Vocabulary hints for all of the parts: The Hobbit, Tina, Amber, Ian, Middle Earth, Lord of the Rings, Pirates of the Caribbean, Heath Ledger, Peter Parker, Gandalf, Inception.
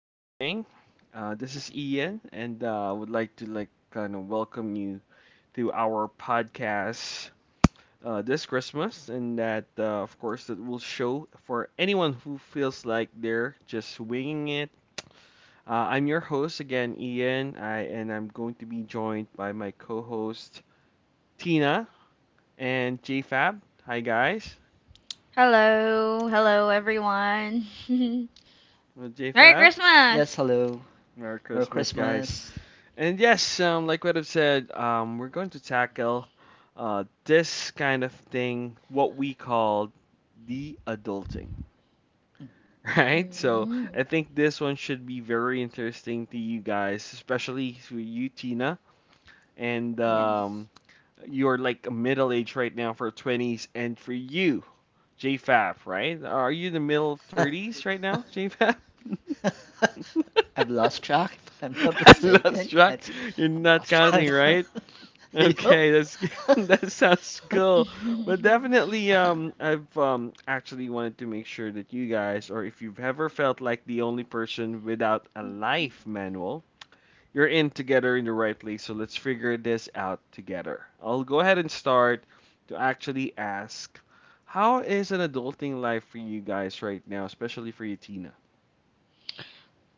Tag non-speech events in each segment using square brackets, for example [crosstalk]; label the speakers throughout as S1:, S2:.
S1: morning. This is Ian, and I would like to kind of welcome you to our podcast this Christmas, and that of course that will show for anyone who feels like they're just winging it. I'm your host again, Ian, and I'm going to be joined by my co-host Tina and JFab. Hi guys,
S2: Hello, hello everyone. [laughs]
S1: well,
S2: Merry
S1: JFab,
S2: Christmas.
S3: Yes, hello.
S1: Merry
S3: Merry
S1: Christmas, guys.
S3: Christmas.
S1: And yes, like what I've said, we're going to tackle this kind of thing, what we call the adulting, [laughs] right? So
S2: Mm,
S1: I think this one should be very interesting to you guys, especially to you, Tina, and
S2: yes.
S1: you're like middle age right now for 20s, and for you, JFAB, right? Are you the middle 30s right now, JFAB? [laughs]
S3: [laughs] I've lost track, if I'm not
S1: I lost
S3: mistaken. I
S1: track.
S3: think
S1: You're
S3: I've
S1: not
S3: lost
S1: counting,
S3: track.
S1: right?
S3: [laughs]
S1: Okay,
S3: Yup.
S1: that's good. [laughs] That sounds
S3: [laughs]
S1: cool. But
S2: [laughs]
S1: definitely, I've actually wanted to make sure that you guys, or if you've ever felt like the only person without a life manual, you're in together in the right place. So let's figure this out together. I'll go ahead and start to actually ask, how is an adulting life for you guys right now, especially for you, Tina?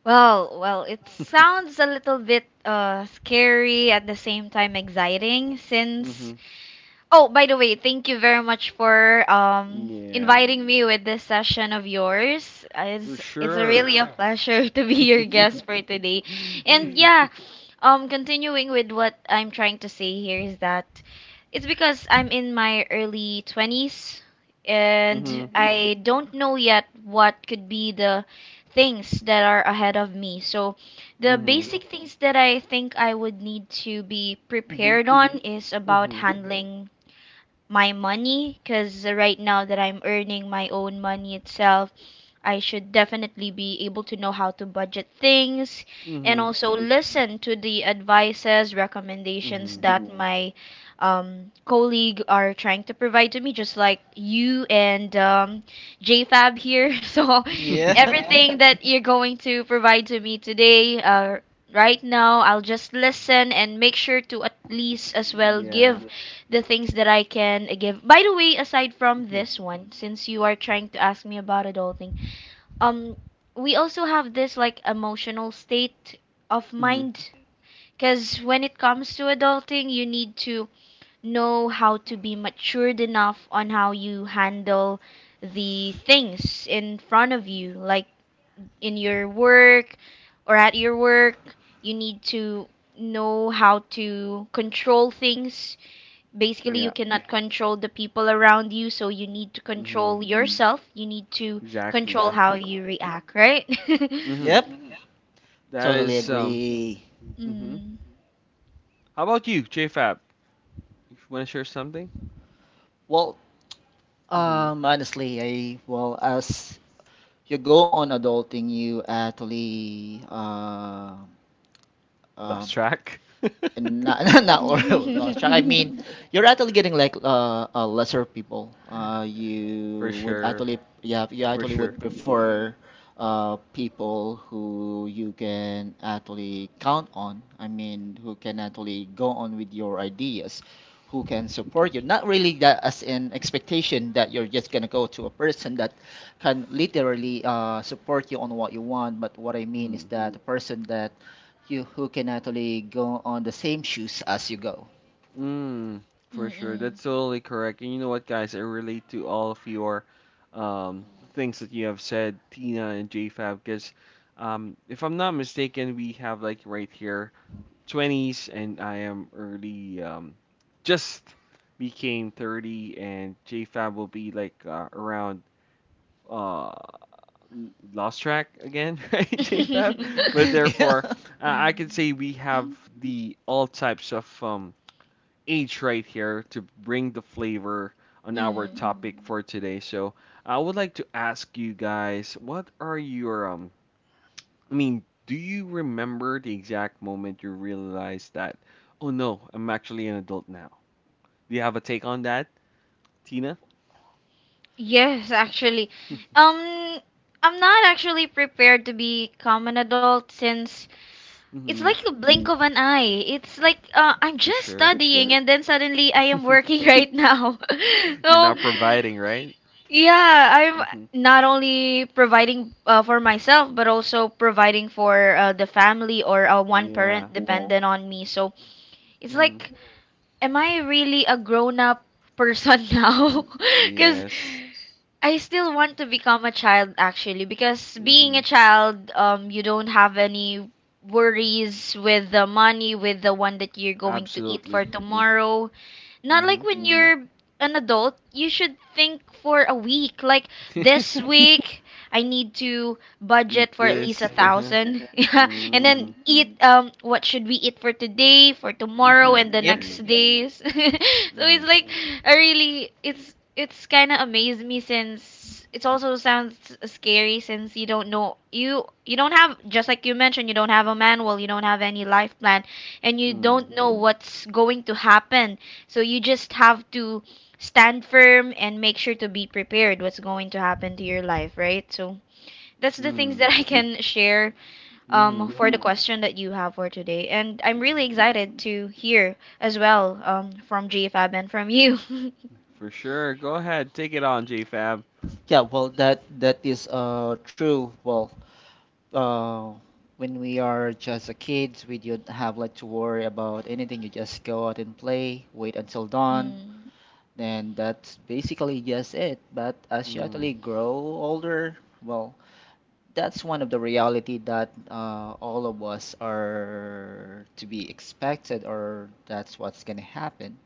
S2: Well, it
S1: [laughs]
S2: sounds a little bit scary at the same time exciting, since
S1: Mm-hmm.
S2: oh, by the way, thank you very much for
S1: Yeah,
S2: inviting me with this session of yours.
S1: for
S2: It's a
S1: sure.
S2: really a pleasure [laughs] to be your guest for
S1: [laughs]
S2: today. And [laughs] yeah, continuing with what I'm trying to say here is that it's because I'm in my early 20s and
S1: Mm-hmm.
S2: I don't know yet what could be the things that are ahead of me. So, the
S1: Mhm.
S2: basic things that I think I would need to be
S3: hmm
S2: prepared on is about
S1: Mhm.
S2: handling my money, because right now that I'm earning my own money itself, I should definitely be able to know how to budget things and
S1: Mhm.
S2: also listen to the advices, recommendations
S1: Mhm.
S2: that my colleague are trying to provide to me, just like you and JFab here. [laughs] So
S3: Yep.
S1: [laughs]
S2: everything that [laughs] you're going to provide to me today, right now, I'll just listen and make sure to at least as well
S1: Yeah.
S2: give the things that I can give. By the way, aside from
S1: Mhm.
S2: this one, since you are trying to ask me about adulting, um, we also have this like emotional state of
S1: Mhm.
S2: mind. Because when it comes to adulting, you need to know how to be matured enough on how you handle the things in front of you, like in your work or at your work. You need to know how to control things. Basically, you
S1: Yeah.
S2: cannot control the people around you, so you need to control
S1: Mhm.
S2: yourself. You need to
S1: Exactly.
S2: control how you react, right?
S1: Mhm.
S3: Yep.
S1: That
S3: Totally
S1: is.
S3: agree.
S2: [laughs]
S1: Mhm.
S2: Mm.
S1: How about you, JFab? If you want to share something?
S3: Well,
S1: Mhm.
S3: honestly, as you go on adulting, you actually
S1: Lost
S3: um,
S1: track. [laughs]
S3: and not [laughs] not all
S2: [laughs]
S3: you're actually getting like lesser people.
S1: For
S3: You would
S1: sure.
S3: actually you
S1: For
S3: actually
S1: sure.
S3: would prefer people who you can actually count on. I mean, who can actually go on with your ideas, who can support you. Not really that as an expectation that you're just gonna go to a person that can literally support you on what you want. But what I mean is
S1: Mhm.
S3: that a person that you who can actually go on the same shoes as you go.
S1: Mm, for sure.
S2: Mm-mm.
S1: That's totally correct. And you know what, guys? I relate to all of your um, things that you have said, Tina and JFab, because if I'm not mistaken, we have like right here 20s, and I am early, just became 30, and JFab will be like around uh lost track again, [laughs] right, jfab, but
S3: [laughs]
S2: [laughs]
S3: Yeah.
S1: therefore, I
S2: Mm.
S1: can say we have the all types of age right here to bring the flavor on our
S2: Mm.
S1: topic for today. So I would like to ask you guys, what are your? I mean, do you remember the exact moment you realized that, oh no, I'm actually an adult now? Do you have a take on that, Tina?
S2: Yes, actually. Um, I'm not actually prepared to become an adult, since
S1: [laughs]
S2: it's
S1: Hmm.
S2: like a blink of an eye. It's like I'm
S1: For
S2: just
S1: sure.
S2: studying and then suddenly I am working [laughs]
S1: [laughs]
S2: right now. [laughs]
S1: You're
S2: So,
S1: not providing, right?
S2: yeah, I'm
S1: Hmm.
S2: not only providing for myself, but also providing for the family, or one
S1: Yeah.
S2: parent dependent on me. So it's
S1: Hmm.
S2: like, am I really a grown up person [laughs] now? Because
S1: Yes.
S2: I still want to become a child, actually. Because being
S1: Hmm.
S2: a child, you don't have any worries with the money, with the one that you're going to eat
S1: Absolutely.
S2: for tomorrow. Not
S1: Hmm.
S2: like when you're an adult, you should think for a week. Like this
S1: [laughs]
S2: week, [laughs] I need to
S1: Eat
S2: budget for at least a
S1: this. Yeah.
S2: thousand. [laughs] Yeah, and
S1: Mm,
S2: then eat. What should we eat for today, for tomorrow, and the
S3: Yep.
S2: next
S1: exactly.
S2: days? [laughs] So
S1: Mm,
S2: it's like, I really, it's kind of amazed me, since it also sounds scary, since you don't know, you don't have, just like you mentioned, you don't have a manual, you don't have any life plan, and you
S1: mm,
S2: don't know what's going to happen, so you just have to stand firm and make sure to be prepared what's going to happen to your life, right? So that's the things
S1: mm,
S2: that I can share
S1: mm-hmm.
S2: for the question that you have for today. And I'm really excited to hear as well, from JFAB and from you. [laughs]
S1: For sure. Go ahead. Take it on, JFab.
S3: Yeah, well that is true. Well, uh when we are just a kids, we don't have like to worry about anything. You just go out and play, wait until dawn,
S2: Mm,
S3: and that's basically just it. But as you
S1: Mm,
S3: actually grow older, well, that's one of the reality that all of us are to be expected or that's what's gonna happen.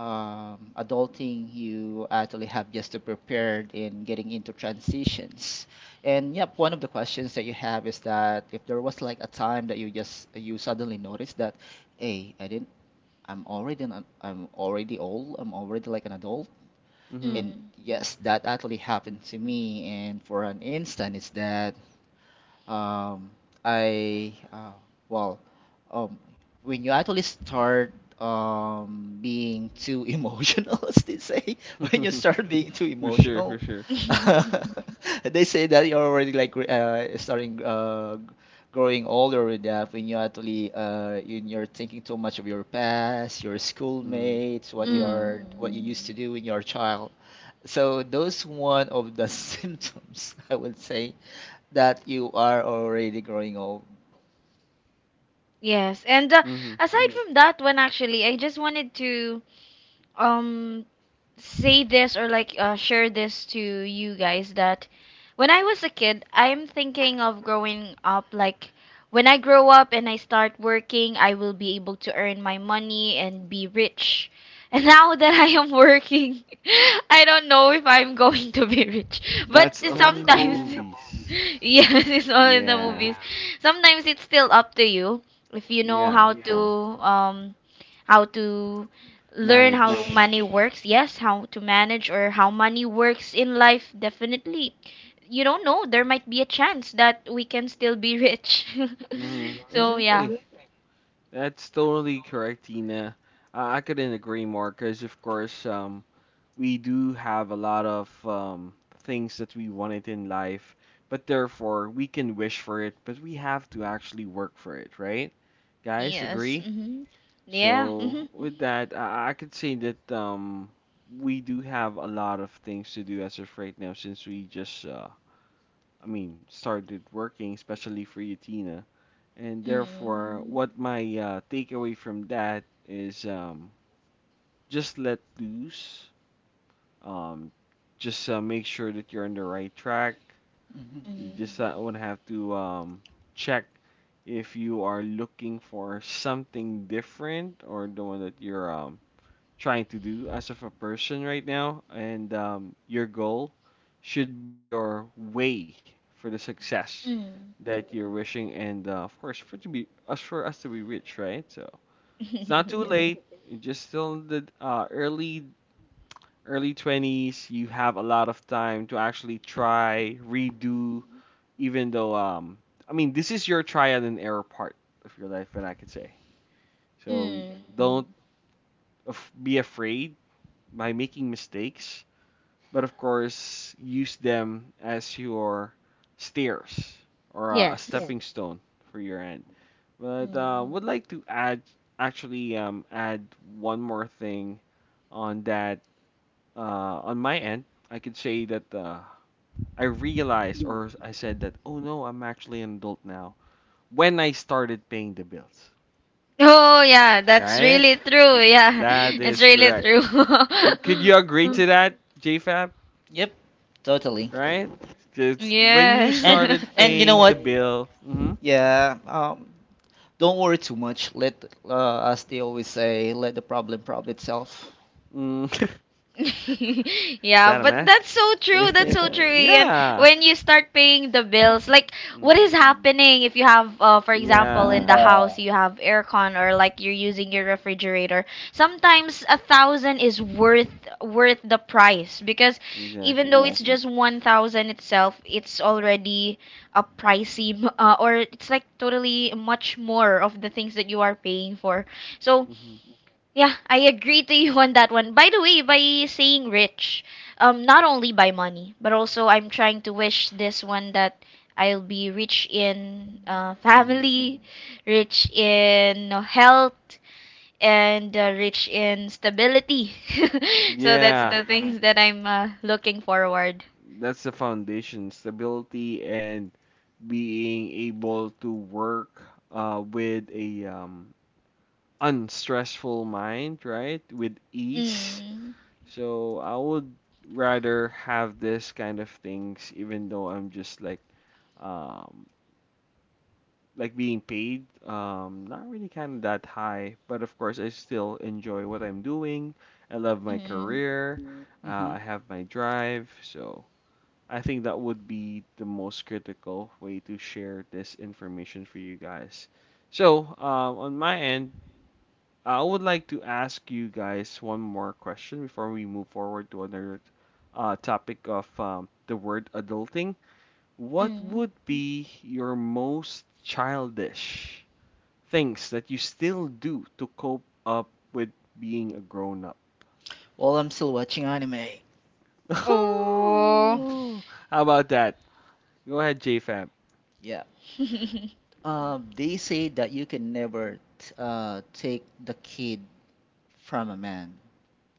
S3: Um, adulting you actually have just to prepare in getting into transitions. And yep, one of the questions that you have is that if there was like a time that you just you suddenly noticed that, hey, I didn't, I'm already I'm already old, I'm already like an adult.
S1: mm-hmm.
S3: And
S2: mm.
S3: yes, that actually happened to me. And for an instant, it's that um, I uh, well, um, when you actually start being too [laughs] emotional, as they say,
S1: [laughs]
S3: [laughs] when you
S1: For
S3: start being too
S1: sure, for
S3: emotional,
S1: sure.
S3: [laughs]
S2: [laughs]
S3: they say that you're already like starting growing older with that. When you actually in you're thinking too much of your past, your
S1: Mm,
S3: schoolmates, what you are
S1: mm-hmm.
S2: Mm.
S3: doing, your child. So those one of the [laughs] symptoms, I would say, that you are already growing old.
S2: Yes. And
S1: Mm-hmm.
S2: aside from that one, actually, I just wanted to um say this, or like share this to you guys, that when I was a kid, I'm thinking of growing up, like when I grow up and I start working, I will be able to earn my money and be rich. [laughs] And now that I am working, [laughs] I don't know if I'm going to be rich. But
S1: That's only the
S2: sometimes,
S1: movies.
S2: [laughs] yes, it's all in the
S1: Yeah.
S2: movies. Sometimes it's still up to you if you know
S1: Yeah.
S2: um how to learn how
S1: Manage.
S2: money works, yes, how to manage, or how money works in life. Definitely, you don't know, there might be a chance that we can still be rich.
S1: Mm-hmm.
S2: [laughs] So yeah,
S1: Exactly. That's totally correct, Tina. I couldn't agree more because, of course, we do have a lot of things that we wanted in life, but therefore we can wish for it, but we have to actually work for it, right? Guys,
S2: yes,
S1: agree?
S2: mm-hmm, yeah,
S1: So
S2: mm-hmm,
S1: with that, I could say that we do have a lot of things to do as of right now since we just, I mean, started working, especially for you, Tina. And therefore,
S2: mm,
S1: what my takeaway from that is just let loose, um, just make sure that you're on the right track.
S3: Mhm.
S1: You just would have to check if you are looking for something different or the one that you're trying to do as of a person right now. And your goal should be your way for the success
S2: mm,
S1: that you're wishing. And of course, for it to be us to be rich, right? So it's not
S2: mm.
S1: too
S2: [laughs] Yes,
S1: late. [laughs] You're just still in the early 20s, you have a lot of time to actually try, redo, even though, I mean, this is your trial and error part of your life, and I could say. So
S2: mm,
S1: don't be afraid by making mistakes, but of course, use them as your stairs or a Yes.
S2: yes,
S1: stepping stone for your end. But
S2: mm.
S1: would like to add, actually, add one more thing on that. On my end, I could say that I realized or I said that, oh no, I'm actually an adult now when I started paying the bills.
S2: Oh, yeah, that's
S1: Right?
S2: really true, yeah. [laughs]
S1: That
S2: It's
S1: is
S2: really
S1: correct.
S2: true.
S1: Could you agree to that, JFab?
S3: Yep, totally.
S1: Right?
S2: [laughs]
S1: It's when you
S2: Yes.
S3: And
S1: started
S3: and
S2: [laughs]
S3: you know
S1: paying the
S3: what?
S1: bill. Mm-hmm.
S3: Yeah, don't worry too much. Let as they always say, let the problem solve itself.
S1: Mm.
S2: [laughs]
S1: [laughs] Is
S2: Yeah,
S1: that a
S2: but
S1: math?
S2: that's so true.
S3: [laughs]
S2: That's so
S3: Yeah.
S2: true.
S1: [laughs]
S2: And
S1: Yeah.
S2: when you start paying the bills, like, what is
S1: Mm,
S2: happening if you have, for example, in
S1: yeah.
S2: the, yeah, house, you have aircon or like you're using your refrigerator. Sometimes a thousand is worth the price, because even
S1: Exactly.
S2: though it's just 1,000 itself, it's already a pricey, or it's like totally much more of the things that you are paying for. So
S1: Mm-hmm,
S2: yeah, I agree to you [laughs] on that one. By the way, by saying rich, not only by money, but also I'm trying to wish this one that I'll be rich in
S1: mm-hmm.
S2: family, rich in health, and rich in stability. [laughs] So that's
S1: Yeah.
S2: the things that I'm looking forward.
S1: That's the foundation, stability and being able to work with a, unstressful mind, right? With ease.
S2: Mm,
S1: So I would rather have this kind of things, even though I'm just um, like being paid, not really kind of that high, but of course I still enjoy what I'm doing. I love my
S2: mm,
S1: career. I
S3: hmm
S1: have my drive, so. I think that would be the most critical way to share this information for you guys. So, on my end, I would like to ask you guys one more question before we move forward to another topic of, the word adulting. What
S2: mm.
S1: would be your most childish things that you still do to cope up with being a grown up?
S3: While I'm still watching anime.
S1: [laughs]
S2: Oh.
S1: How about that? Go ahead, JFab.
S3: Yeah.
S2: [laughs]
S3: They say that you can never take the kid from a man.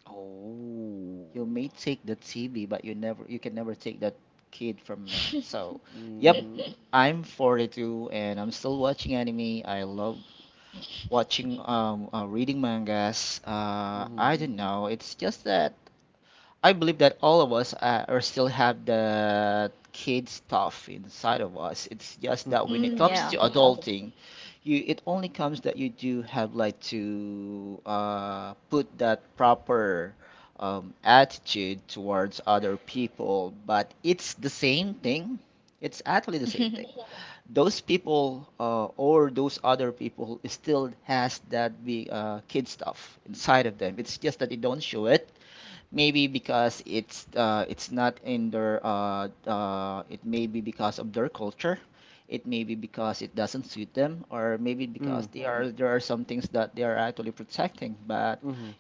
S1: Oh.
S3: You may take the TV, but you never you can never take that kid from man. So, yep,
S1: Mm-hmm.
S3: I'm 42 and I'm still watching anime. I love watching reading mangas.
S1: Mm-hmm.
S3: I don't know. It's just that I believe that all of us are still have the kid stuff inside of us. It's just that when
S1: [laughs]
S3: it
S2: Mm,
S3: comes
S2: yeah.
S3: to thing you it only comes that you do have like to put that proper attitude towards other people but it's actually the same thing
S2: [laughs]
S3: those people or those other people still has that be kid stuff inside of them, it's just that they don't show it. Maybe because it's not in their it may be because of their culture. It may be because it doesn't suit them, or maybe because
S1: Mm.
S3: they are there are some things that they are actually protecting. But
S1: Mm-hmm.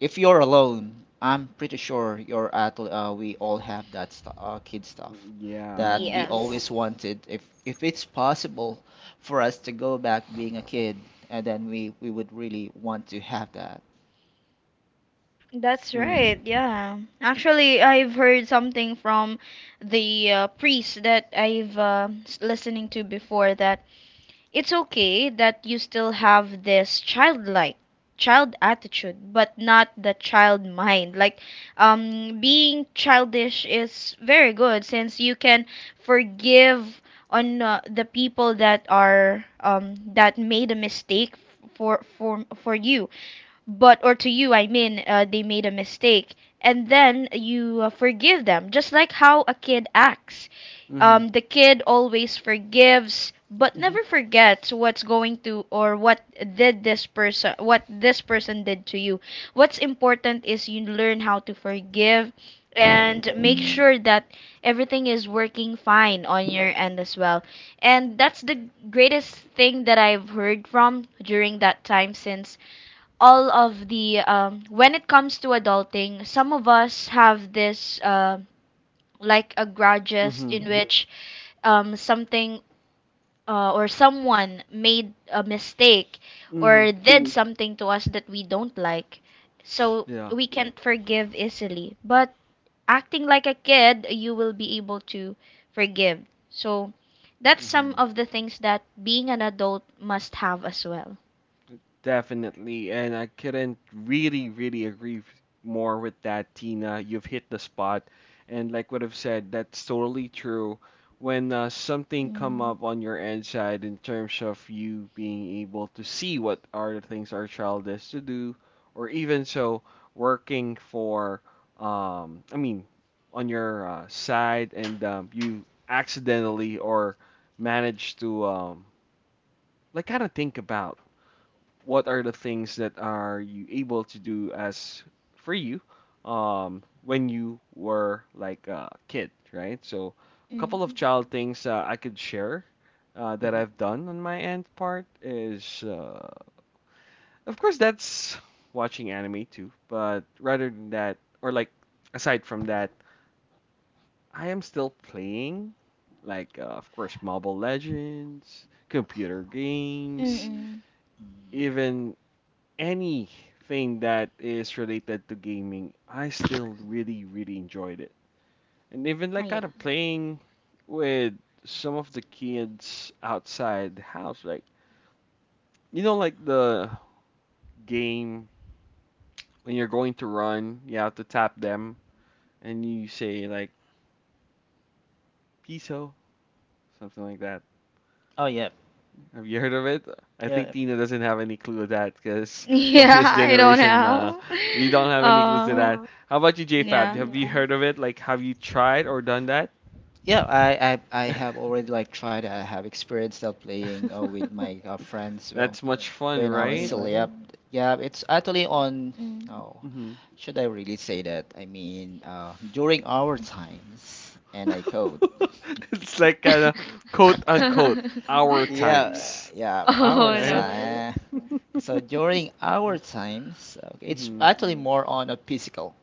S3: if you're alone, I'm pretty sure you're at we all have that stu kid stuff,
S1: Yeah.
S2: Yes,
S3: just wanted if it's possible for us to go back being a kid, and then we would really want to have that.
S2: that's
S1: Mm.
S2: right. Yeah. Actually, I've heard something from the priest that I've listening to before, that it's okay that you still have this childlike child attitude, but not the child mind. Like, being childish is very good, since you can forgive on the people that are that made a mistake, for you, but or to you, I mean, they made a mistake, and then you forgive them, just like how a kid acts.
S1: Mm-hmm.
S2: The kid always forgives but
S3: hmm
S2: never forgets what's going to, or what did this person what this person did to you. What's important is you learn how to forgive and make sure that everything is working fine on your end as well. And that's the greatest thing that I've heard from during that time, since all of the when it comes to adulting, some of us have this like a grudges,
S1: Mm-hmm.
S2: in which something, or someone made a mistake
S1: Mm-hmm.
S2: or did something to us that we don't like, so
S1: Yeah.
S2: we can't forgive easily. But acting like a kid, you will be able to forgive. So that's some
S1: Mm-hmm.
S2: of the things that being an adult must have as well.
S1: Definitely, and I couldn't really, really agree more with that, Tina. You've hit the spot, and like what I've said, that's totally true. When something come
S2: Mm,
S1: up on your end side in terms of you being able to see what are the things our child is to do, or even so, working for, I mean, on your side, and you accidentally or manage to kind of think about what are the things that are you able to do as for you when you were like a kid, right? So a
S2: mm,
S1: couple of child things I could share, that
S3: hmm
S1: I've done on my end part is, of course, that's watching anime too, but rather than that, or like, aside from that, I am still playing, like, of course, mobile legends, computer games,
S2: mm,
S1: even anything that is related to gaming, I still really, really enjoyed it. And even like
S2: mm.
S1: kind of playing with some of the kids outside the house, like, you know, like the game when you're going to run, you have to tap them and you say like "piso," something like that.
S3: oh yeah.
S1: Have you heard of it? I think
S3: Yeah.
S1: Tina doesn't have any clue of that
S2: [laughs]
S1: because of
S2: Yeah,
S1: his
S3: Yeah.
S2: I don't
S1: generation.
S2: have.
S1: You don't have any clues to
S2: Uh,
S1: that. Wow. How about you, JFab?
S2: yeah.
S1: Have you Yeah. heard of it? Like, have you tried or done that?
S3: Yeah, I have already like tried. I have experienced that playing with
S1: [laughs]
S3: my friends. So
S1: That's much fun,
S3: when I
S1: right?
S3: yeah, it's actually on.
S2: Mm. [laughs]
S3: No,
S1: Hmm.
S3: should I really say that? I mean, during our times, and I quote.
S1: [laughs] It's like kind of quote unquote
S3: [laughs]
S1: our
S3: Yeah,
S1: times,
S3: yeah, our
S2: Oh no.
S1: right?
S3: time.
S1: Mm.
S3: So during our times, okay, it's
S1: Hmm.
S3: actually more on a physical.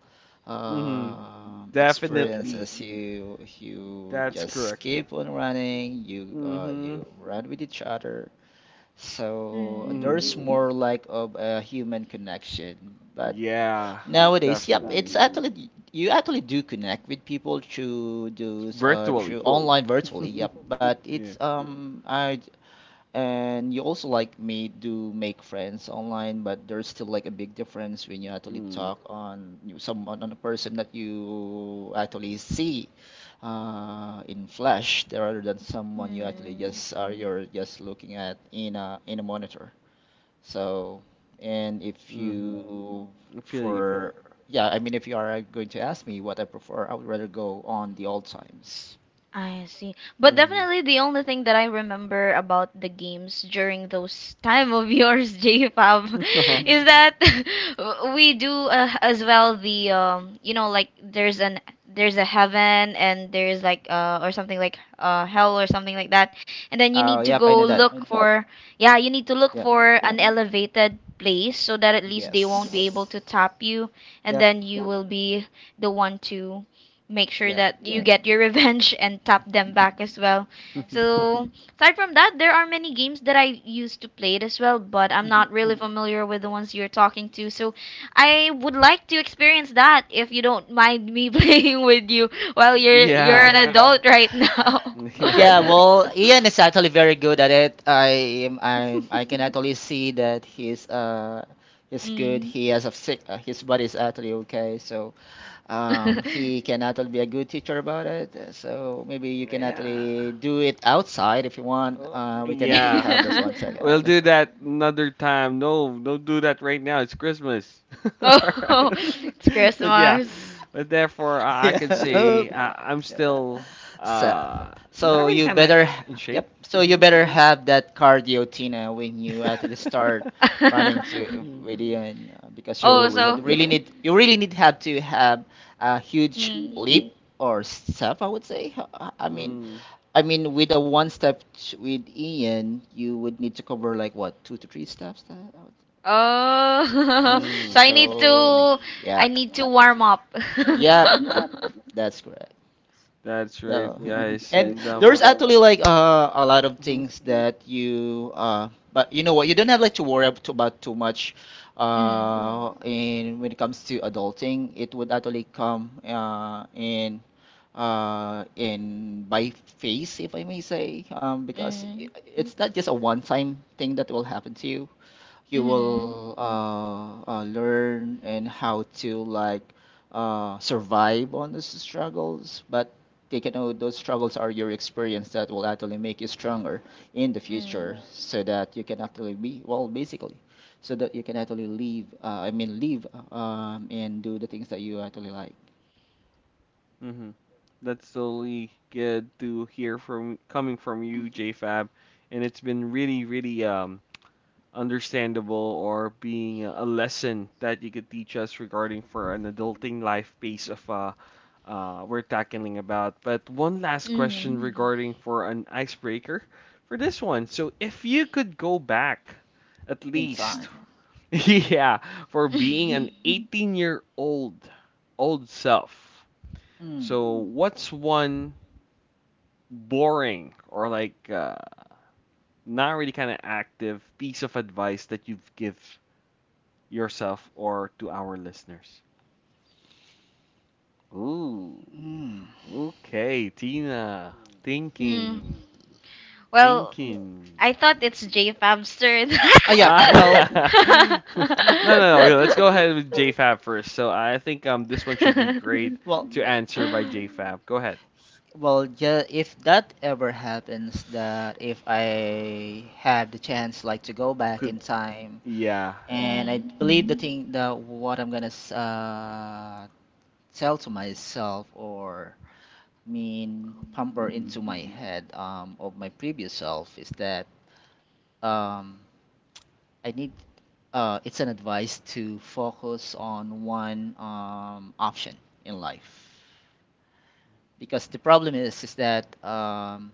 S1: Mm-hmm.
S3: Uh,
S1: Definitely.
S3: experiences you
S1: That's
S3: just
S1: correct.
S3: keep on running
S1: Mm-hmm.
S3: you run with each other, so
S2: Mm.
S1: Mm-hmm.
S3: lack of a human connection, but
S1: Yeah, definitely.
S3: you actually do connect with people through those
S1: Virtually.
S3: virtually,
S1: [laughs]
S3: yep.
S1: Yeah.
S3: I And you also like me do make friends online, but there's still like a big difference when you actually
S1: Mm.
S3: someone on a person that you actually see in flesh rather than someone you actually
S2: Mm.
S3: just are just looking at in a monitor. So, and if you
S1: Mm-hmm. I feel you.
S3: for yeah, I mean if you are going to ask me what I prefer, I would rather go on the old times.
S2: I see. But
S1: Mm.
S2: definitely, the only thing that I remember about the games during those [laughs] time of yours, [laughs] JFab,
S3: hmm
S1: [laughs]
S2: is that [laughs] we do, as well, the like, there's a heaven and there's like or something like hell or something like that. And then you need to
S3: Yep, I know
S2: go,
S3: that.
S2: look for, yeah, you need to look
S3: Yeah,
S2: for an elevated place so that at least they won't be able
S3: yes.
S2: to tap you, and
S3: Yep.
S2: then you will be the one to make sure
S3: Yep.
S2: that you get your revenge [laughs] and tap them back as well. So, aside from that, there are many games that I used to play it as well, but I'm
S3: hmm
S2: not really familiar with the ones you're talking to. So, I would like to experience that if you don't mind me [laughs] playing with you while you're
S1: Yeah.
S2: an, yeah, adult right now.
S3: Yeah,
S2: [laughs]
S1: Yeah.
S3: well, Ian is actually very good at it. I am I can
S1: [laughs]
S3: actually see that he's good.
S2: Mm.
S3: He has a sick his body is actually okay. So
S2: [laughs]
S3: he can actually be a good teacher about it. So maybe you can
S1: Yeah.
S3: actually do it outside if you want.
S1: Oh,
S3: We can actually
S1: yeah. We'll do that another time. No, don't do that right now. It's Christmas. [laughs]
S2: Oh.
S1: Alright. [laughs]
S2: [laughs] It's
S1: But yeah.
S2: Christmas.
S1: But therefore,
S3: [laughs]
S1: I can
S3: yeah.
S1: say, I'm still
S3: So,
S1: uh not
S3: so
S1: really
S3: you
S1: kind of
S3: better,
S1: in shape.
S3: yep. So you
S1: Hmm.
S3: better have that cardio, Tina, when you actually start
S1: [laughs]
S3: running to
S2: [laughs]
S1: Mm,
S3: radio, and because
S2: Oh,
S3: you
S1: totally.
S3: would
S2: so
S3: really you really need have to have a huge
S2: mm.
S3: leap or step, I would say.
S1: Mm,
S3: I mean, with a one with Ian, you would need to cover like what, two to three steps?
S2: Oh,
S3: Would-
S2: [laughs] so
S1: mm.
S2: I need
S3: Oh,
S2: to I
S3: yeah,
S2: need to yep, warm up. [laughs] Yep.
S3: yep, yep. That's correct.
S1: That's right, guys. And
S3: Like a lot of
S1: mhm,
S3: things that you but you know what you don't have like to worry about too much
S2: Mm,
S3: uh, in when it comes to adulting it would actually come in by phase if I may say because
S2: mm,
S3: it's not just a one time thing that will happen to you, you
S2: mm,
S3: will learn and how to like survive on those struggles. But taking out those struggles are your experience that will actually make you stronger in the future,
S2: mm,
S3: so that you can actually be well, basically, so that you can actually live. I mean, live and do the things that you actually like
S1: mhm. That's totally good to hear from coming from you, J. Fab, and it's been really, really understandable or being a, lesson that you could teach us regarding for an adulting life piece of, we're tackling about. But one last
S2: mm.
S1: question regarding for an icebreaker for this one. So if you could go back at
S3: in time.
S1: least, [laughs] yeah, for being an
S2: [laughs]
S1: 18 year old self.
S3: Mm.
S1: So what's one boring, or like, not really kind of active piece of advice that you've give yourself or to our listeners? Ooh,
S3: Mm.
S1: okay, Tina,
S2: Mm.
S1: thinking,
S2: Well,
S1: thinking.
S2: I thought it's J Fabster.
S3: Oh yeah.
S2: [laughs]
S1: Ah, [laughs] no, no, no. Yeah, let's go ahead with JFab first. So I think this one should be great
S3: Well.
S1: [laughs] to answer by JFab. Go ahead.
S3: Well, yeah, if that ever happens, that if I have the chance, like to go back
S1: Could
S3: in time,
S1: yeah.
S3: and I
S2: Mm,
S3: believe the thing that what I'm gonna tell to myself or mean pamper into
S1: Mhm.
S3: head of my previous self is that um, I need it's an advice to focus on one option in life because the problem is that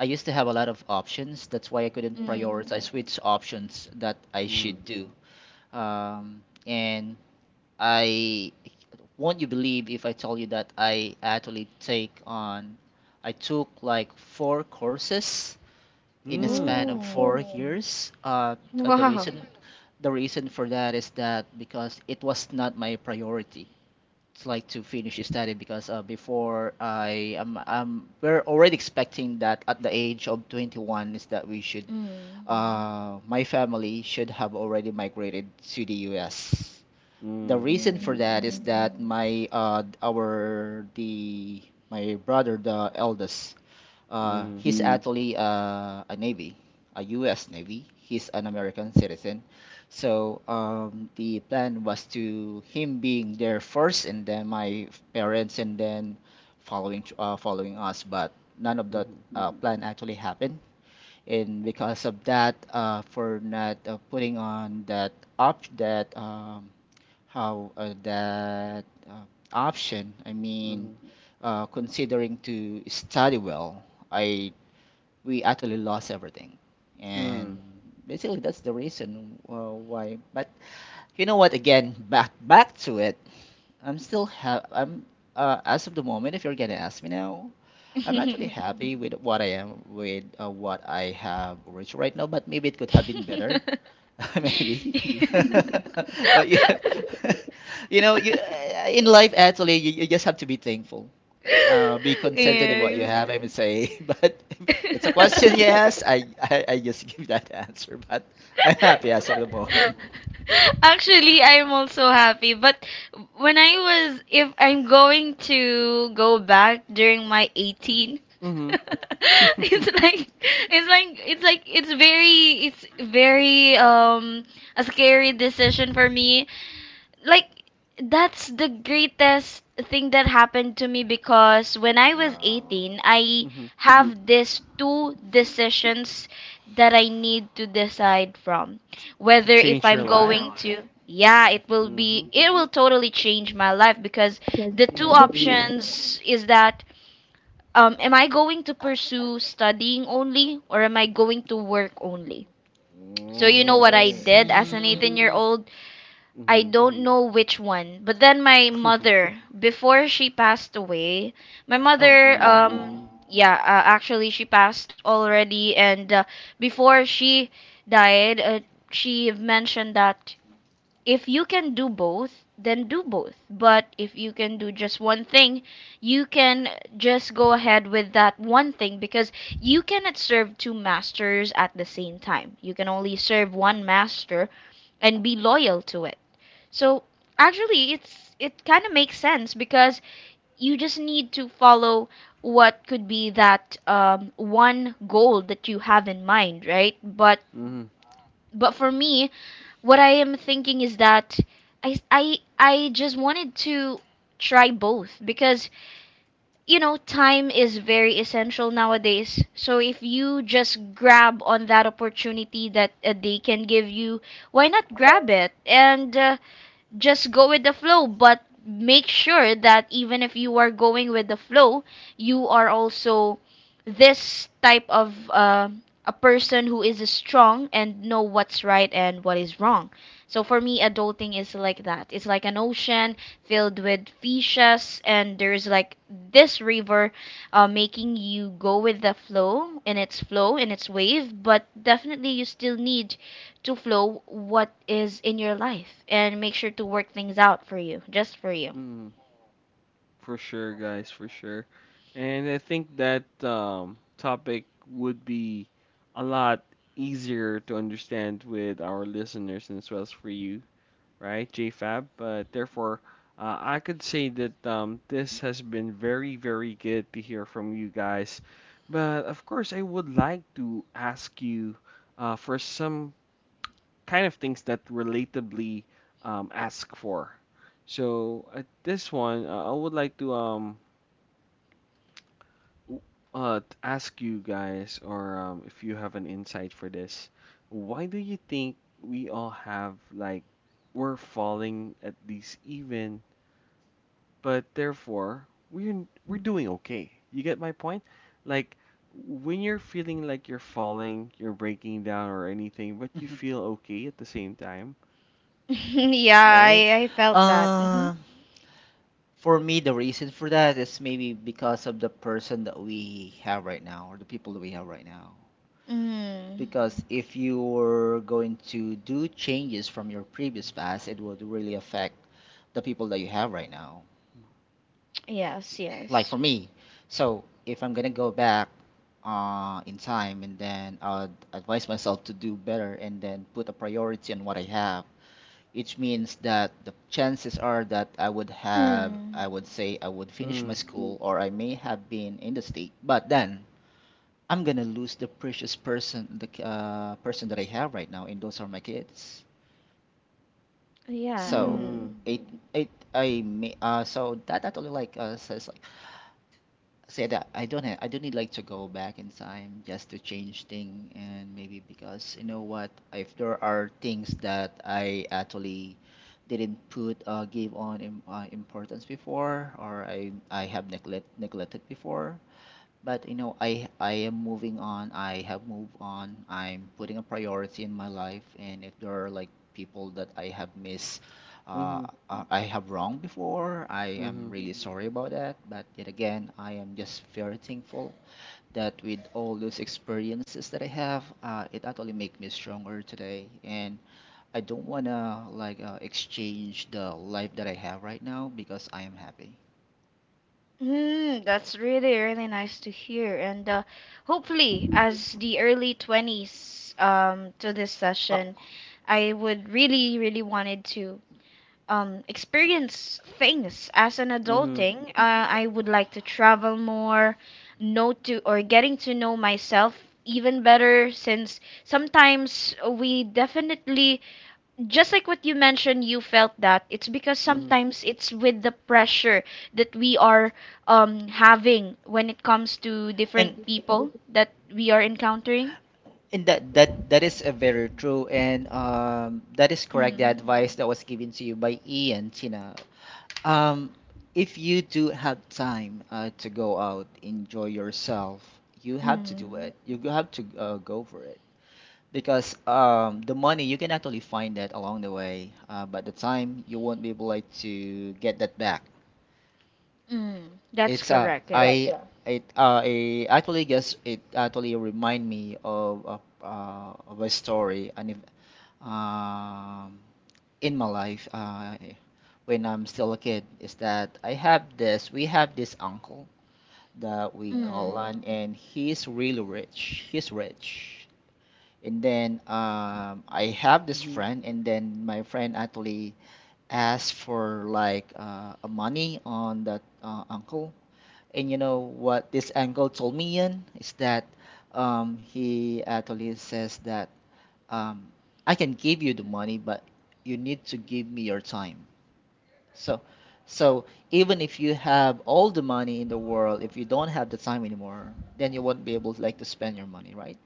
S3: I used to have a lot of options. That's why I couldn't
S2: mm.
S3: prioritize which options that I
S1: Mm.
S3: should do. And I won't you believe if I tell you that I actually take on, I took like 4 courses in a
S1: Mm.
S3: span of
S2: Ooh,
S3: four Oh, years. Uh, the re-
S2: wow.
S3: the reason for that is that because it was not my priority, it's like to finish his study because before I am we're already expecting that at the age of 21 is that we should
S2: Mm,
S3: my family should have already migrated to the US. The
S1: Mm.
S3: reason for that is
S2: mm,
S3: that my brother the eldest uh
S1: Mm.
S3: actually a Navy, a U.S. Navy. He's an American citizen. So the plan was to him being there first, and then my parents, and then following us. But none of that
S1: Mhm.
S3: plan actually happened, and because of that, for not putting on that op that how that uh, option, I mean, considering to study well, I we actually lost everything.
S1: Mhm.
S3: And basically, that's the reason why. But you know what? Again, back to it. I'm as of the moment. If you're gonna ask me now, I'm actually
S2: mm. [laughs]
S3: happy with what I am with what I have reached right now. But maybe it could have been better.
S2: [laughs]
S3: [laughs] Maybe [laughs] but you, [laughs] you know you in life actually you just have to be thankful I
S2: Yes.
S3: would say [laughs] but it's Yes, I just [laughs] give that answer, but I'm happy as of the moment. [laughs]
S2: Actually, I'm also happy, but if I'm going to go back during my 18,
S1: Mhm.
S2: [laughs]
S1: Mhm. [laughs]
S2: it's like, it's very, a scary decision for me, like, that's the greatest thing that happened to me, because when I was
S1: Wow.
S2: 18, I
S1: Mhm.
S2: have these two decisions that I need to decide from.
S1: To
S2: Whether,
S1: change
S2: if
S1: your
S2: I'm
S1: life?
S2: going to, yeah, it will
S1: Mm-hmm.
S2: be it will totally change my life, because the two
S1: Mm-hmm.
S2: options is that, am I going to pursue studying only, or am I going to work only? So you know
S1: Mm,
S2: what
S1: I
S2: I
S1: see.
S2: did as an
S3: Mm,
S2: 18-year-old? I
S1: Mm-hmm.
S2: don't know which one. But then my
S1: [laughs]
S2: mother, before she passed away, my
S3: oh.
S2: mother,
S3: Mhm,
S1: Mm.
S2: yeah, actually she passed already, and before she died, she mentioned that if you can do both, then do both. But if you can do just one thing, you can just go ahead with that one thing, because you cannot serve two masters at the same time. You can only serve one master and be loyal to it. So actually, it kind of makes sense, because you just need to follow what could be that one goal that you have in mind, right? But
S1: Mm-hmm.
S2: for me, what I am thinking is that I just wanted to try both, because time is very essential nowadays. So if you just grab on that opportunity that a day can give you, why not grab it and just go with the flow, but make sure that even if you are going with the flow, you are also this type of a person who is strong and know what's right and what is wrong. So for me, adulting is like that. It's like an ocean filled with fishes, and there's like this river making you go with the flow, in its wave. But definitely you still need to flow what is in your life and make sure to work things out for you, just for you.
S1: Mm-hmm. For sure, guys, for sure. And I think that, topic would be a lot easier to understand with our listeners and as well as for you, right, JFab? But therefore, I could say that this has been very, very good to hear from you guys. But of course, I would like to ask you, for some kind of things that relatably, ask for. So at this one, I would like to, ask you guys, or if you have an insight for this, why do you think we all have like we're falling at least, even. But therefore, we're doing okay. You get my point? Like when you're feeling like you're falling, you're breaking down or anything, but you
S3: mhm.
S1: feel okay at the same time,
S2: [laughs] Yeah,
S1: right?
S2: I felt that.
S3: Um, for me, the reason for that is maybe because of the person that we have right now, or the people that we have right now.
S2: Mm,
S3: Because if you were going to do changes from your previous past, it would really affect the people that you have right now.
S2: yes,
S3: Like for
S2: yes.
S3: me. So if I'm gonna go back in time, and then I'd advise myself to do better, and then put a priority on what I have, which means that the chances are that I
S2: Mm,
S3: would say, I would finish my
S1: Mm,
S3: school, or I may have been in the state. But then I'm gonna lose the precious person, the person that I have right now, and those are my kids.
S2: yeah.
S3: So Mm.
S2: Mm.
S1: mm,
S3: it, it, I may, so that actually like say that I don't have, I don't need like to go back in time just to change thing. And maybe because you know what if there are things that I actually didn't put give on importance before, or I have neglected before. But you know, I am moving on. I have moved on. I'm putting a priority in my life, and if there are like people that I have missed, uh,
S1: mm
S3: I have wronged before, I
S1: mm,
S3: am
S1: mm,
S3: really Mm-hmm. sorry about that. But yet again, I am just very thankful that with all those experiences that I have, it actually make me stronger today. And I don't wanna like exchange the life that I have right now, because I am happy.
S2: Mm, that's really, really nice to hear. And hopefully, as the early 20s to this
S3: Uh,
S2: session, I would really, really wanted to experience things as an
S1: mm,
S2: adulting.
S3: w-
S2: I would like to travel more, know to or getting to know myself even better, since sometimes we definitely just like what you mentioned, you felt that it's because
S1: mm,
S2: sometimes it's with the pressure that we are having when it comes to different
S3: And
S2: people that we are encountering.
S3: And that is a very true, and that is correct, the
S2: Mm,
S3: advice that was given to you by Ian, Tina. Um if you do have time to go out, enjoy yourself, you have to do
S2: mm,
S3: it. Have to go for it, because the money you can actually find that along the way, but the time you won't be able like, to get that back.
S2: mm. That's
S3: It's Correct.
S2: correct,
S3: I
S2: yes.
S3: Yeah. it I actually guess it actually remind me of a story um, in my life, when I'm still a kid, is that I have this, we have this uncle that we call,
S2: Mm.
S3: and he's really rich. He's rich. And then I have this
S1: mm,
S3: friend, and then my friend actually asked for like a money on that uncle. And you know what this uncle told me, Ian, is that, he actually says that, um, I can give you the money, but you need to give me your time. So, so even if you have all the money in the world, if you don't have the time anymore, then you won't be able to like to spend your money, right?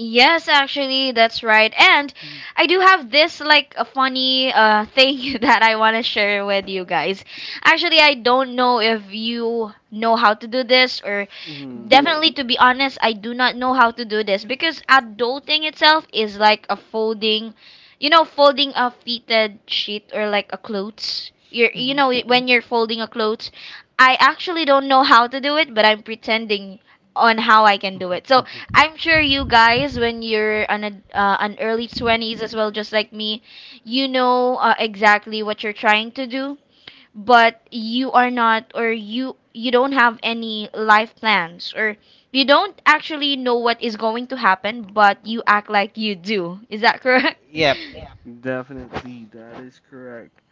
S2: Yes, actually, that's right. And I do have this like a funny thing [laughs] that I want to share with you guys. Actually, I don't know if you know how to do this, or
S1: mm, [laughs]
S2: definitely, to be honest, I do not know how to do this, because adulting itself is like a folding, you know, folding a fitted sheet or like a clothes. You're, you
S3: Hmm.
S2: know, when you're folding a clothes, I actually don't know how to do it, but I'm pretending on how I can do
S1: mm.
S2: it. So, I'm sure you guys, when you're an early 20s as well, just like me, you know exactly what you're trying to do, but you are not, or you don't have any life plans, or you don't actually know what is going to happen, but you act like you do. Is that correct? [laughs]
S3: Yep,
S1: Definitely, that is correct.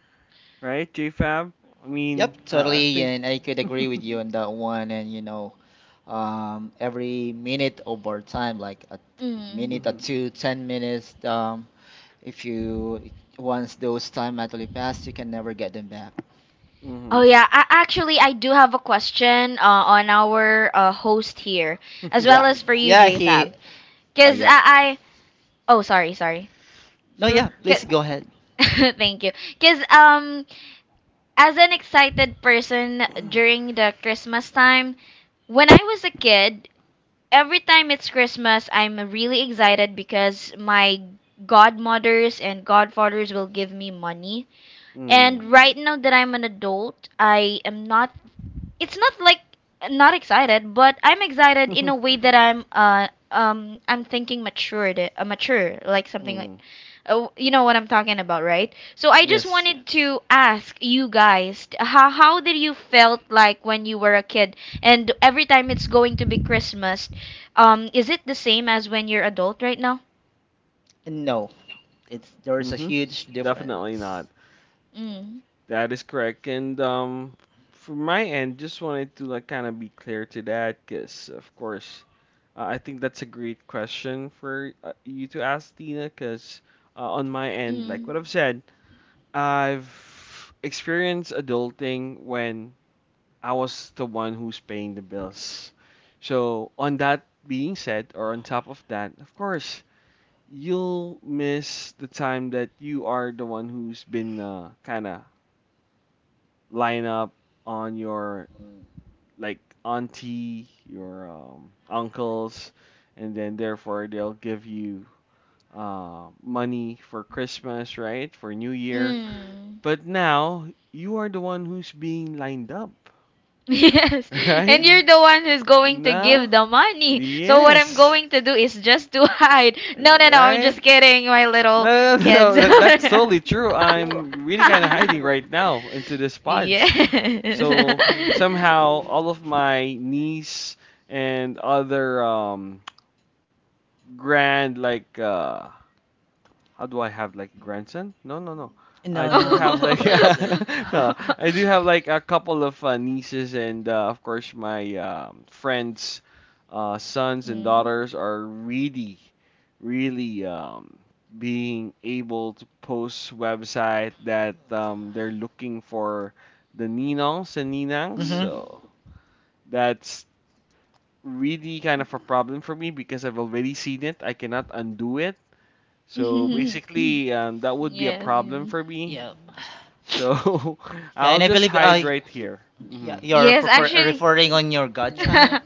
S1: Right, JFab? I
S3: yep,
S1: mean, uh, I
S3: totally,
S1: think. [laughs]
S3: and I could agree with
S1: Mm-hmm.
S3: you on that one. And you know, every minute of our time, like a
S2: Mm.
S3: minute or two, 10 minutes, if you once those time actually pass, you can never get them back.
S2: Oh
S1: Mm-hmm.
S2: yeah, actually I do have a question on our host here, as well
S3: Yeah,
S2: as for you,
S3: yeah, he,
S2: JFab. Cause
S3: yeah.
S2: I oh, sorry, sorry.
S3: No,
S1: [laughs] Sure.
S3: yeah, please
S2: 'Kay.
S3: go ahead.
S2: [laughs] Thank you. Because as an excited person during the Christmas time, when I was a kid, every time it's Christmas, I'm really excited because my godmothers and godfathers will give me money.
S1: Mm.
S2: And right now that I'm an adult, I am not, it's not like not excited, but I'm excited in a
S1: [laughs]
S2: way that I'm thinking matured, mature, like something like
S1: Mm.
S2: you know what I'm talking about, right? So I just
S1: Yes.
S2: wanted to ask you guys how did you felt like when you were a kid, and every time it's going to be Christmas, is it the same as when you're adult right now?
S3: No, it's there's a
S1: Mm-hmm.
S3: huge
S1: Definitely
S3: difference.
S1: not.
S3: No.
S2: Mm.
S1: That is correct. And from my end, just wanted to like kind of be clear to that, because of course, I think that's a great question for you to ask, Tina. Because on my end, like what I've
S2: Mm.
S1: said, I've experienced adulting when I was the one who's paying the bills. So on that being said, or on top of that, of course, you'll miss the time that you are the one who's been kind of lying up on your like auntie, your uncles, and then therefore they'll give you money for Christmas, right? For New Year.
S2: Mm.
S1: But now you are the one who's being lined up,
S2: [laughs] Yes,
S1: [laughs]
S2: and
S1: right?
S3: Mm-hmm.
S2: you're the one who's going to
S1: No?
S2: give the money. So what I'm
S1: Yes.
S2: going to do is just to [laughs] hide. No, no, no, I'm
S1: Right?
S2: just kidding, my
S1: No,
S2: little
S1: no, no, no.
S2: kids.
S1: That, that's
S2: [laughs]
S1: totally true. I'm really kind of hiding right now into the
S2: Yes.
S1: pods. So
S2: [laughs]
S1: somehow all of my niece and other grand like how do I have like grandson? No, no, no. I
S3: No,
S1: do
S3: no,
S1: have
S2: Oh.
S1: like
S3: grandson.
S1: [laughs] no,
S2: [laughs]
S1: I do have like a couple of nieces and of course my friends sons and
S2: Mm.
S1: daughters are really really being able to post website that they're looking for the ninongs and
S3: [sighs]
S1: ninangs.
S3: Hmm.
S1: So that's really kind of a problem for me because I've already seen it. I cannot undo it. So
S2: [laughs]
S1: basically, that would be a
S2: Yes.
S1: problem for me.
S3: Yeah.
S1: So [laughs]
S3: Yeah,
S1: I'll
S3: and I
S1: just
S3: believe
S1: hide
S3: I
S1: right here.
S3: yeah,
S1: Hmm
S3: you're
S2: Yes,
S3: prefer
S2: actually.
S3: referring on your
S2: [laughs]
S3: godchild.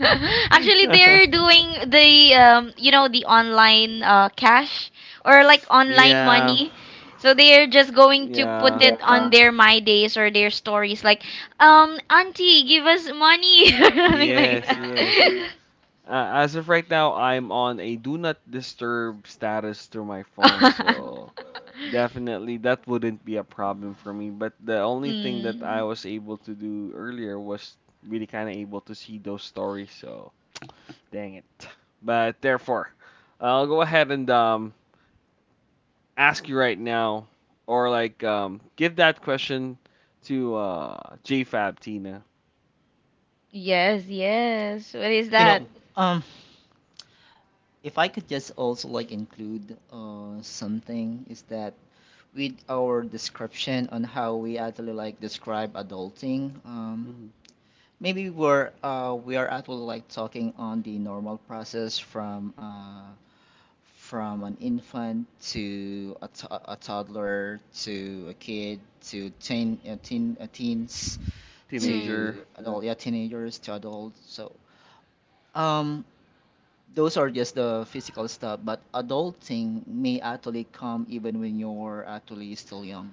S2: Actually,
S1: [laughs]
S2: they're doing the you know, the online cash, or like online
S1: yeah.
S2: money. So they're just going to put
S1: Yeah.
S2: it on their my days or their stories, like, auntie, give us money, [laughs] or something like
S1: Yes, yes.
S2: that.
S1: As of right now, I'm on a do not disturb status through my phone, so definitely, that wouldn't be a problem for me. But the
S2: [laughs]
S1: only thing that
S2: Mm.
S1: I was able to do earlier was really kind of able to see those stories. So, dang it. But therefore, I'll go ahead and ask you right now, or like give that question to JFab Tina.
S2: Yes, yes. What is
S3: You know,
S2: that?
S1: [laughs]
S3: um if I could just also like include something is that, with our description on how we actually like describe adulting,
S1: Mhm, mhm.
S3: maybe we are actually like talking on the normal process from an infant to a toddler to a kid to teens to
S2: Mm.
S1: Teenager.
S3: yeah, teenagers to adults. So, um, those are just the physical stuff, but adulting may actually come even when you're actually still young.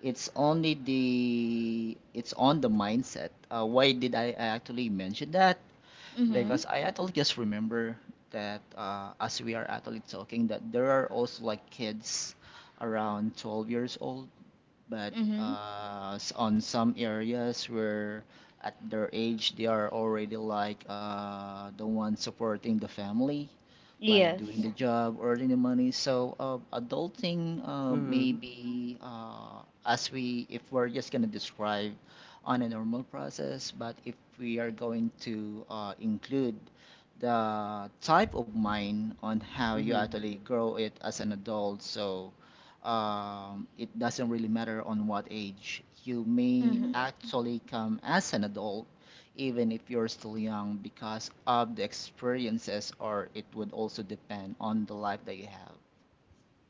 S3: It's only the it's on the mindset. Why did I actually mention that?
S1: Mm-hmm.
S3: Because
S2: Mhm.
S3: I actually just remember that, as we are actually talking, that there are also like kids around 12 years old, but
S2: Mhm.
S3: on some areas where, at their age, they are already like the one supporting the family, like
S2: Yes.
S3: job, earning the money. So, adulting,
S1: Mm-hmm.
S3: maybe, as we if we're just gonna describe on a normal process, but if we are going to include the type of mind on how you actually grow it as an adult, so, it doesn't really matter on what age you may
S2: Mhm.
S3: actually come as an adult, even if you're still young, because of the experiences, or it would also depend on the life that you have.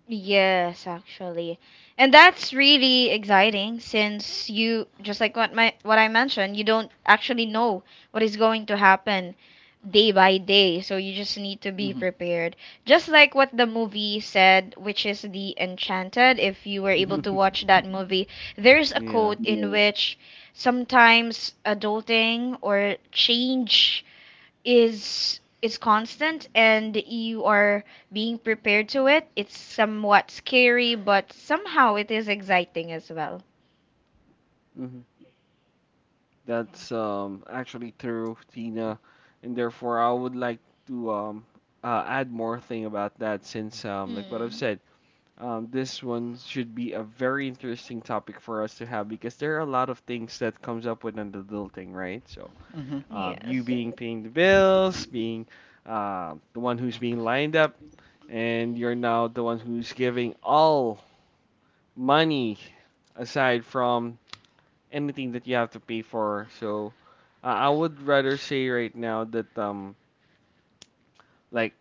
S2: Yes, actually. And that's really exciting, since you just like what my what I mentioned, you don't actually know what is going to happen day by day, so you just need to be
S3: Hmm.
S2: prepared. Just like what the movie said, which is The Enchanted, if you were
S3: Hmm.
S2: able to
S1: Mm-hmm.
S2: watch that movie, there's a
S1: [laughs] yeah.
S2: quote in, yeah, which sometimes adulting or change is constant, and you are being prepared to it. It's somewhat scary, but somehow it is exciting as well.
S1: Mm-hmm. That's actually true, Tina, and therefore I would like to add more thing about that since like what I've
S2: Mm.
S1: said, this one should be a very interesting topic for us to have because there are a lot of things that comes up with an adulting, right? So
S3: Hmm.
S1: you
S2: Yes.
S1: being paying the bills, being the one who's being lined up, and you're now the one who's giving all money aside from anything that you have to pay for. So I would rather say right now that like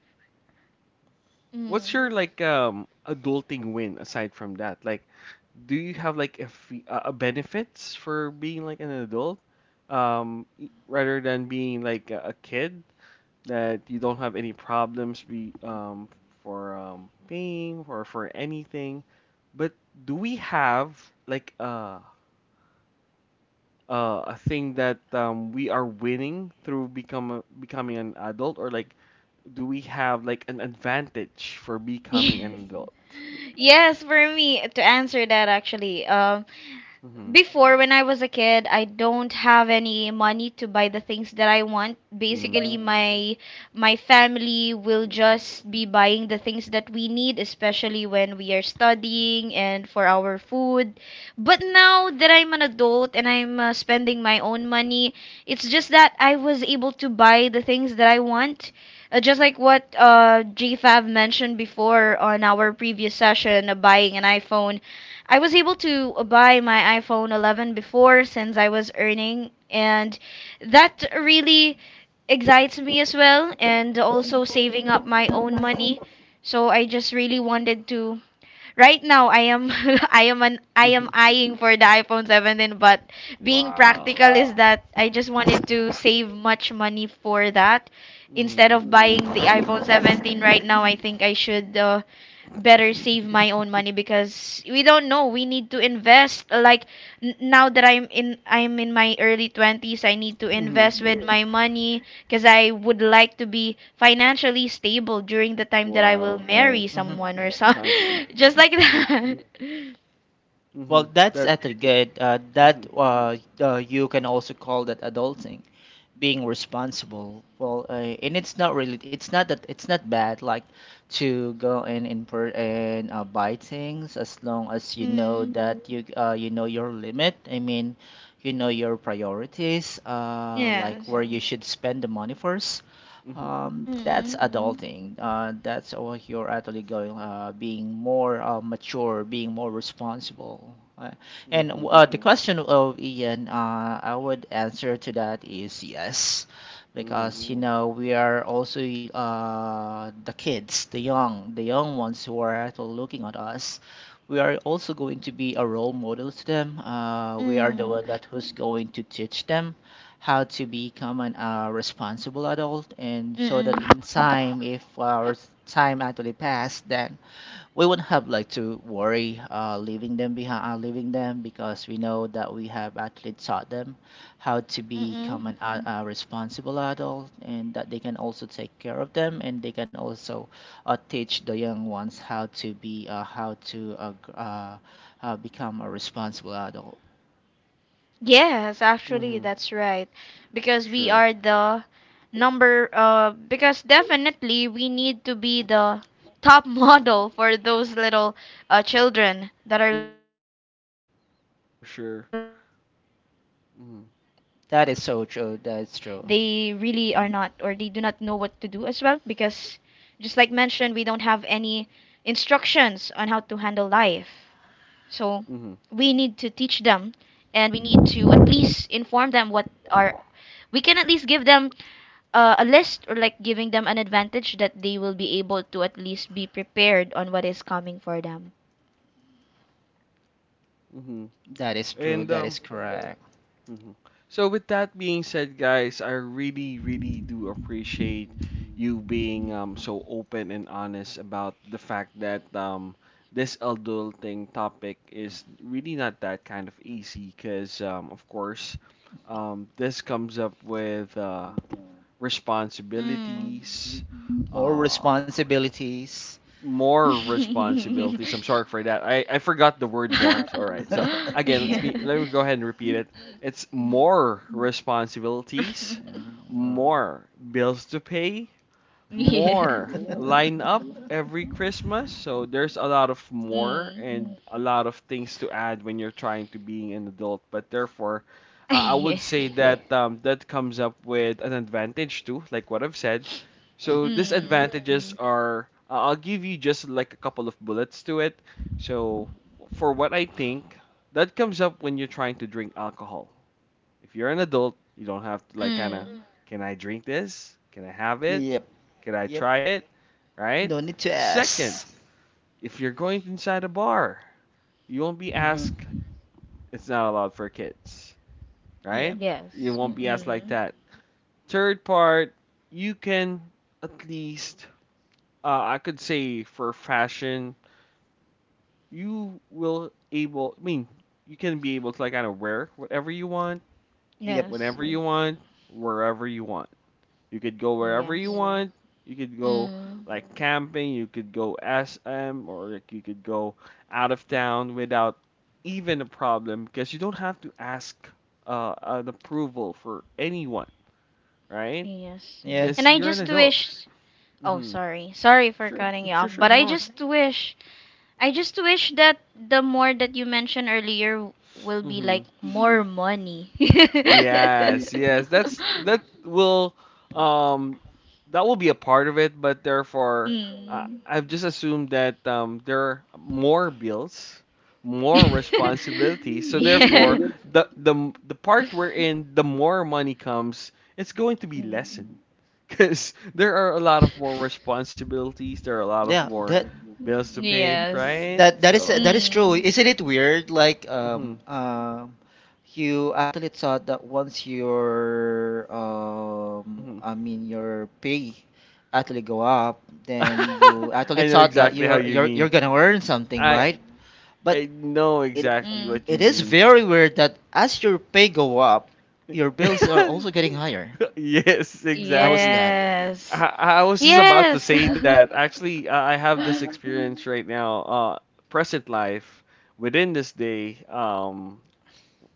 S1: what's
S2: Mm.
S1: your
S2: [laughs]
S1: like adulting win aside from that? Like do you have like a fee, a benefits for being like an adult rather than being like a kid that you don't have any problems be for paying or for anything but do we have like a thing that we are winning through become becoming an adult, or like do we have like an advantage for becoming an
S2: Yes.
S1: adult?
S2: Yes, for me to answer that, actually,
S1: Mm-hmm.
S2: before, when I was a kid, I don't have any money to buy the things that I want. Basically,
S1: Mm-hmm.
S2: my family will just be buying the things that we need, especially when we are studying and for our food. But now that I'm an adult and I'm spending my own money, it's just that I was able to buy the things that I want. Just like what GFAV mentioned before on our previous session, buying an iPhone, I was able to buy my iPhone 11 before, since I was earning, and that really excites me as well, and also saving up my
S3: Not
S2: own
S3: my own
S2: money. So I just really wanted to, right now I am [laughs] I am
S1: Mm-hmm. [laughs]
S2: eyeing for the iPhone 17, but being
S1: Wow.
S2: practical is that I just wanted to save much money for that instead
S1: Mm.
S2: of buying the iPhone 17
S3: identity.
S2: right now. I think I should better save my
S1: [laughs]
S2: own money, because we don't know, we need to invest, like, now that I'm in my early 20s, I need to
S1: Mm-hmm.
S2: invest with my money, because I would like to be financially stable during the time that I will
S1: Wow.
S2: marry
S3: Hmm.
S2: someone or some.
S1: Sounds good.
S2: [laughs] Just like
S1: Mm-hmm.
S2: that. [laughs]
S3: Well,
S1: Mm-hmm.
S3: that's
S1: That.
S3: actually good, that,
S1: Mm-hmm.
S3: you can also call that adulting, being responsible. Well, and it's not really, it's not that, it's not bad, like to go and buy things, as long as you know Mhm.
S2: Mm.
S3: that you know your limit. I mean, you know your priorities, like
S2: Yes.
S3: where you should spend the money first.
S1: Mm-hmm.
S3: That's
S2: Mm.
S3: Mhm. adulting. That's what you're actually going, being more mature, being more responsible. And
S1: Mm-hmm.
S3: question of Ian, I would answer to that is yes,
S1: Mm-hmm.
S3: because you know we are also the kids, the young ones who are actually looking at us. We are also going to be a role model to them. We are the
S2: Mm.
S3: one that who's going to teach them how to become an responsible adult, and so
S2: Mm.
S3: that in time, if our time actually pass, then we wouldn't have like to worry leaving them behind, leaving them, because we know that we have actually taught them how to
S2: Mm.
S3: become
S2: Mm.
S3: an responsible adult, and that they can also take care of them, and they can also teach the young ones how to be become a responsible adult.
S2: Yes, actually,
S1: Mm-hmm.
S2: that's right. Because
S1: For
S2: we
S1: sure.
S2: are the number, because definitely we need to be the top [laughs] model for those little children that are looking
S1: Mm-hmm.
S2: up to us. Especially,
S1: For sure.
S2: they really are not, or
S1: Mm-hmm.
S2: they do not
S3: That
S2: know
S3: is
S2: what
S3: so
S2: to do
S3: true.
S2: as
S3: That is
S2: well.
S3: true.
S2: Because,
S1: Mm-hmm.
S2: just like mentioned, we don't have any instructions on how to handle life. So we need to teach them,
S1: Mm-hmm.
S2: and we need to at least inform them what are, we can at least give them a list, or like giving them an advantage that they will be able to at least be prepared on what is coming for them.
S1: Mm-hmm.
S3: That is true.
S1: And
S3: That is
S1: um,
S3: correct.
S1: Mhm. So with that being said, guys, I really, really do appreciate you being so open and honest about the fact that this adulting topic is really not that kind of easy because of course this comes up with
S2: Mm.
S1: responsibilities,
S3: More
S1: uh,
S3: responsibilities.
S1: more
S2: [laughs]
S1: responsibilities. I'm sorry for that. I forgot the word more. All
S3: [laughs]
S1: right.
S3: Yeah.
S1: So again,
S2: Yes.
S1: let
S2: [laughs]
S1: me go ahead and repeat it. It's more responsibilities, more bills to pay,
S2: Yes.
S1: more line up every Christmas. So there's a lot of
S2: Mm.
S1: more and a lot of things to add when you're trying to being an adult. But therefore, I
S2: [laughs] Yes.
S1: would say that that comes up with an advantage too, like what I've said. So
S3: [laughs]
S2: Mm.
S1: disadvantages are, I'll give you just like a couple of bullets to it. So for what I think, that comes up when you're trying to drink alcohol. If you're an adult, you don't have to like kind
S2: Mm.
S1: can I drink this? Can I have it?
S3: Yep.
S1: Can I
S3: Yep.
S1: try it? Right?
S3: No need to
S1: Second,
S3: ask.
S1: if you're going inside a bar, you won't be
S3: Mm-hmm.
S1: asked it's not allowed for kids,
S3: Yep.
S1: right? You
S2: Yes.
S1: won't be asked like
S2: Mm.
S1: that. Third part, you can at least I could say for fashion, you will able I mean, you can be able to like kind of wear whatever you want,
S3: Yep.
S2: Yes.
S1: whenever you want, wherever you want. You could go wherever you Yeah.
S2: Yes.
S1: want. You could go
S2: Mm.
S1: like camping. You could go SM or like you could go out of town without even a problem because you don't have to ask an approval for anyone, right?
S2: Yes.
S3: Yeah.
S2: And
S1: Because yeah,
S2: I
S1: you're an
S2: just
S1: adult.
S2: wish, oh,
S1: Mm-hmm.
S2: sorry, sorry for
S1: Sure, wait,
S2: cutting you
S1: wait, sure,
S2: off,
S1: sure,
S2: but
S1: sorry,
S2: I
S1: no.
S2: just wish, I just wish that the more that you mentioned earlier will be
S1: Mm-hmm.
S2: like more money.
S1: Yes,
S2: [laughs]
S1: yes. That's um that will be a part of it, but therefore,
S2: Mm.
S1: I've just assumed that there are more bills, more
S2: [laughs]
S1: responsibilities. So therefore,
S2: Yes.
S1: the part wherein the more money comes, it's going to be
S2: Mm.
S1: lessened [laughs] because there are a lot of more responsibilities. There are a lot of
S3: Yeah.
S1: more bills to pay,
S2: Yes.
S1: right?
S3: That that is
S1: So,
S3: that is true.
S2: Mm.
S3: Isn't it weird? Like,
S1: hmm
S3: you actually thought that once your
S1: hmm
S3: I mean your pay actually go up,
S2: Mm.
S3: then you
S1: [laughs]
S3: actually
S1: I know
S3: thought that
S1: exactly how
S3: you're
S1: you
S3: you're you're
S1: mean.
S3: gonna earn something,
S1: I
S3: right? But
S1: I know
S2: Mm.
S3: it
S1: exactly what you
S3: it is
S1: mean.
S3: very weird that as your pay go up, your bills are
S1: [laughs]
S3: also getting higher.
S1: [laughs] yes,
S3: How is
S1: exactly.
S3: that?
S2: Yes.
S1: I was just about to
S2: Yes.
S1: say that. Actually, I have this
S2: [laughs]
S1: experience right now, present life, within this day.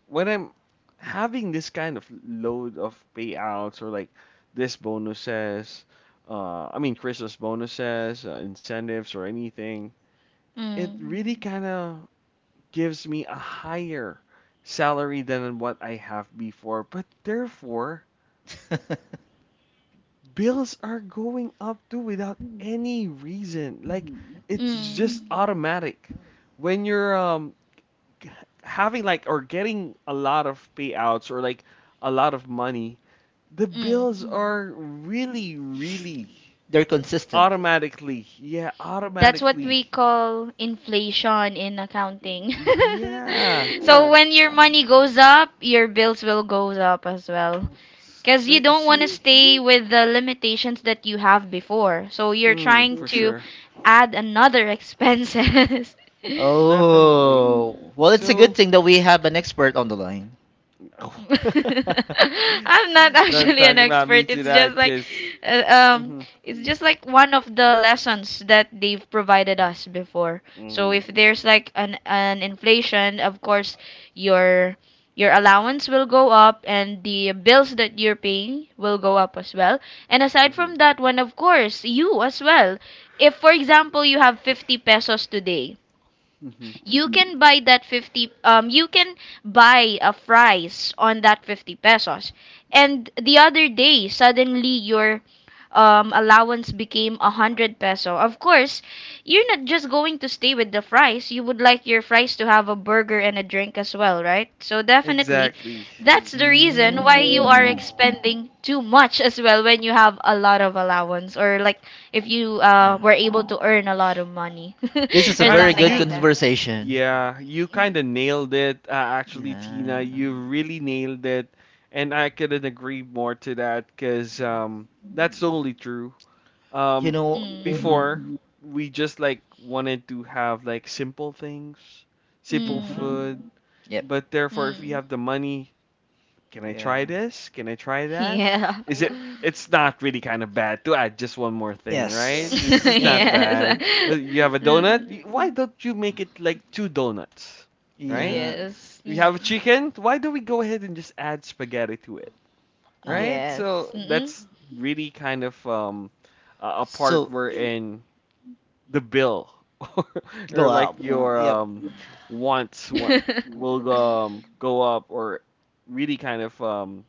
S1: When I'm having this kind of load of payouts or like this bonuses, I mean Christmas bonuses, incentives, or anything, it
S2: Mm,
S1: really Mhm. kind of gives me a higher salary than what I have before. But therefore
S3: [laughs]
S1: bills are going up too without any reason. Like it's
S2: mm,
S1: just automatic. When you're g- having like or getting a lot of payouts or like a lot of money, the
S2: mm.
S1: bills are really really
S3: They're consistent.
S1: automatically. Yeah,
S2: That's what we
S1: automatically.
S2: call inflation in accounting. [laughs]
S1: Yeah.
S2: So when your
S1: Uh,
S2: money goes up, your bills will go up as well. Because you don't want to
S1: See?
S2: stay with the limitations that you have before. So you're
S1: Hmm, for
S2: trying to
S1: sure.
S2: add another expenses. [laughs]
S1: Definitely.
S3: Oh,
S2: Mm.
S3: well, it's a good
S1: So,
S3: thing that we have an expert on the line.
S2: [laughs]
S1: Oh. [laughs]
S2: I'm not
S1: Done
S2: actually an
S1: talking about me
S2: expert.
S1: to that kiss.
S2: Uh, um,
S1: Hmm
S2: it's just like one of the lessons that they've provided us before. So
S1: hmm
S2: if there's like an inflation, of course, your your allowance will go up, and the bills that you're paying will go up as well. And aside from
S1: hmm
S2: that one, of course, you as well. If for example you have 50 pesos today,
S1: hmm
S2: you can buy that 50 you can buy a fries on that 50 pesos. And the other day suddenly your allowance became a 100 peso. Of course, you're not just going to stay with the fries. You would like your fries to have a burger and a drink as well, right? So definitely
S1: Exactly.
S2: that's the reason why you are
S3: Mm.
S2: expending too much as well when you have a lot of allowance, or like if you were able to earn a lot of money. [laughs]
S3: This
S1: You
S3: is a
S2: Or
S1: kind
S3: very
S2: something
S3: good
S1: you
S2: like that.
S3: conversation.
S1: yeah, you kind of nailed it actually Tina.
S3: Yeah.
S1: You really nailed it and I couldn't agree more to that cuz that's totally true.
S3: You
S1: Um
S3: know.
S2: Mm,
S3: Hmm.
S1: before Mhm. we just like wanted to have like simple things, simple
S2: mm,
S3: Hmm.
S1: food,
S3: Yep.
S1: but therefore if we
S2: mm.
S1: have the money can I
S3: Yeah.
S1: try this? Can I try that?
S2: Yeah.
S1: Is it?
S2: [laughs]
S1: It's not really kind of bad to add just one more thing, right? It's
S3: Yes.
S1: just
S3: Yeah.
S1: not
S3: Yeah.
S2: Yes.
S1: bad. [laughs]
S2: [laughs]
S1: You have a donut.
S2: Mm.
S1: Why don't you make it like two donuts, right?
S3: Yeah.
S2: Yes.
S1: We
S3: S-
S1: have a
S2: Mm.
S1: chicken. Why don't we go ahead and just add spaghetti to it,
S3: Oh.
S1: right?
S2: Yes.
S1: So
S2: Mm.
S1: that's really kind of a part
S3: So,
S1: wherein the bill [laughs] or
S3: go
S1: like
S3: out.
S1: your
S3: Yep.
S1: um, wants
S2: [laughs]
S1: will go up or really kind of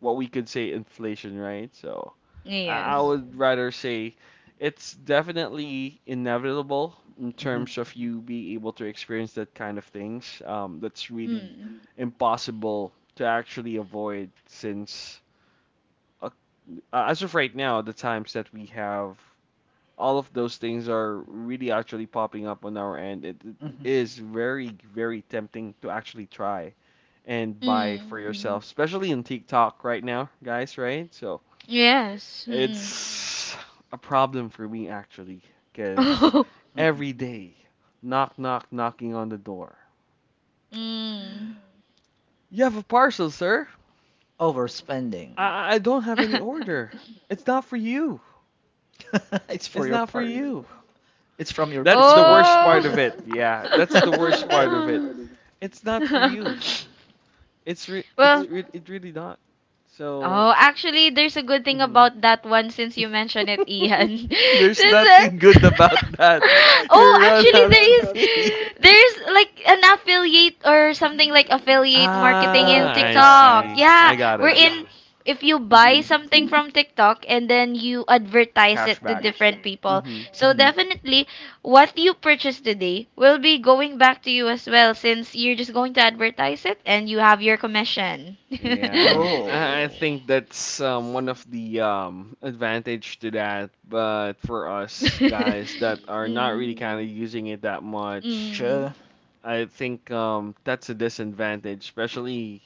S1: what we could say inflation, right? So I
S2: Yes.
S1: would rather say it's definitely inevitable in
S3: Hmm.
S1: terms of you being able to experience that kind of things. That's really
S2: Mm.
S1: impossible to actually avoid since uh, as of right now, the times that we have, all of those things are really actually popping up on our end. It
S3: Hmm.
S1: is very, very tempting to actually try and buy
S2: Mm.
S1: for yourself, especially in TikTok right now, guys, right? So
S2: Yes. Mm.
S1: it's a problem for me actually, because
S2: [laughs] Oh.
S3: Hmm.
S1: every day, knock, knock, knocking on the door.
S2: Mm.
S1: You have a parcel, sir?
S3: Overspending.
S1: I don't have any order. It's not for you.
S3: [laughs] It's for
S1: It's
S3: your
S1: not for
S3: partner.
S1: you.
S3: It's from your.
S2: [laughs]
S1: That's
S3: It's
S1: the
S3: for.
S1: worst
S2: Oh.
S1: part of it. Yeah, that's the worst part of it.
S3: [laughs]
S1: It's not for you.
S2: [laughs] Well,
S1: It really not. So,
S2: oh, actually, there's a good thing
S1: mhm.
S2: about that one since you mentioned it,
S1: [laughs]
S2: Ian. [laughs] Since [laughs]
S1: there's nothing good about that.
S2: yes, oh,
S1: You're gonna
S2: actually you're,
S1: have to
S2: there is
S1: pay.
S2: welcome, there's like an affiliate, or something like affiliate marketing, in
S1: Ah, I see.
S2: TikTok.
S1: I
S2: Yeah,
S1: got
S2: we're
S1: it.
S2: in, if you buy
S1: Mm-hmm.
S2: something from TikTok and then you advertise it to
S1: Cashback.
S2: different people.
S1: Mm-hmm.
S2: So definitely what you purchase today will be going back to you as well, since you're just going to advertise it and you have your commission. [laughs]
S1: Yeah, I
S2: Mm.
S3: Oh,
S1: think that's one
S2: Mm.
S1: of the advantage to that. But for us guys
S2: [laughs]
S1: that are not really
S2: Mm.
S1: kind of using it that much,
S2: Mm.
S3: sure.
S1: I think that's a disadvantage, especially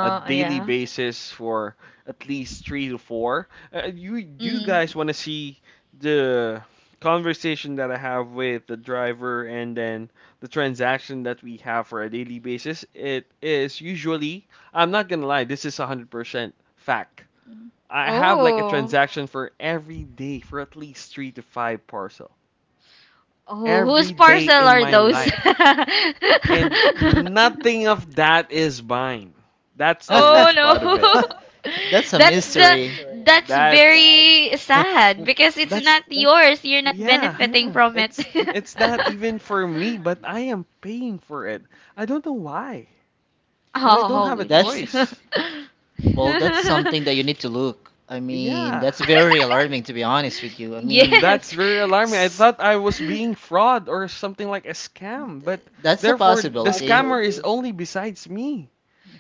S1: a daily
S2: yeah.
S1: basis for at least three to four. You do you
S2: Mm.
S1: guys want to see the conversation that I have with the driver and then the transaction that we have for a daily basis? It is usually. I'm not gonna lie, this is 100% fact.
S2: Mm.
S1: I have like a
S2: Oh.
S1: transaction for every day for at least three to five parcel
S2: Oh, whose
S1: every day
S2: parcel
S1: in
S2: are
S1: my
S2: those? [laughs]
S1: life, and nothing of that is mine.
S3: [laughs]
S1: That's the
S3: That's
S2: Oh
S1: worst part of
S2: no.
S1: it.
S2: [laughs]
S3: a
S2: That's the,
S3: mystery.
S2: that's
S1: That's
S2: very
S3: [laughs]
S2: sad because it's
S1: that's
S2: not yours. You're not
S1: yeah.
S2: benefiting from it.
S1: It's not even for
S2: [laughs]
S1: me, but I am paying for it. I don't know why, but I don't
S3: Oh,
S1: have a
S2: Ouch.
S3: that's
S1: choice.
S3: well. That's
S2: [laughs]
S3: something that you need to look. I mean,
S1: Yeah.
S3: that's very alarming, to be honest with you. I mean,
S2: Yes.
S1: That's very alarming. I
S3: s-
S1: thought I was
S2: Mm.
S1: being fraud or something like a scam, but
S3: that's a
S1: therefore the
S3: possibility.
S1: scammer is only besides me.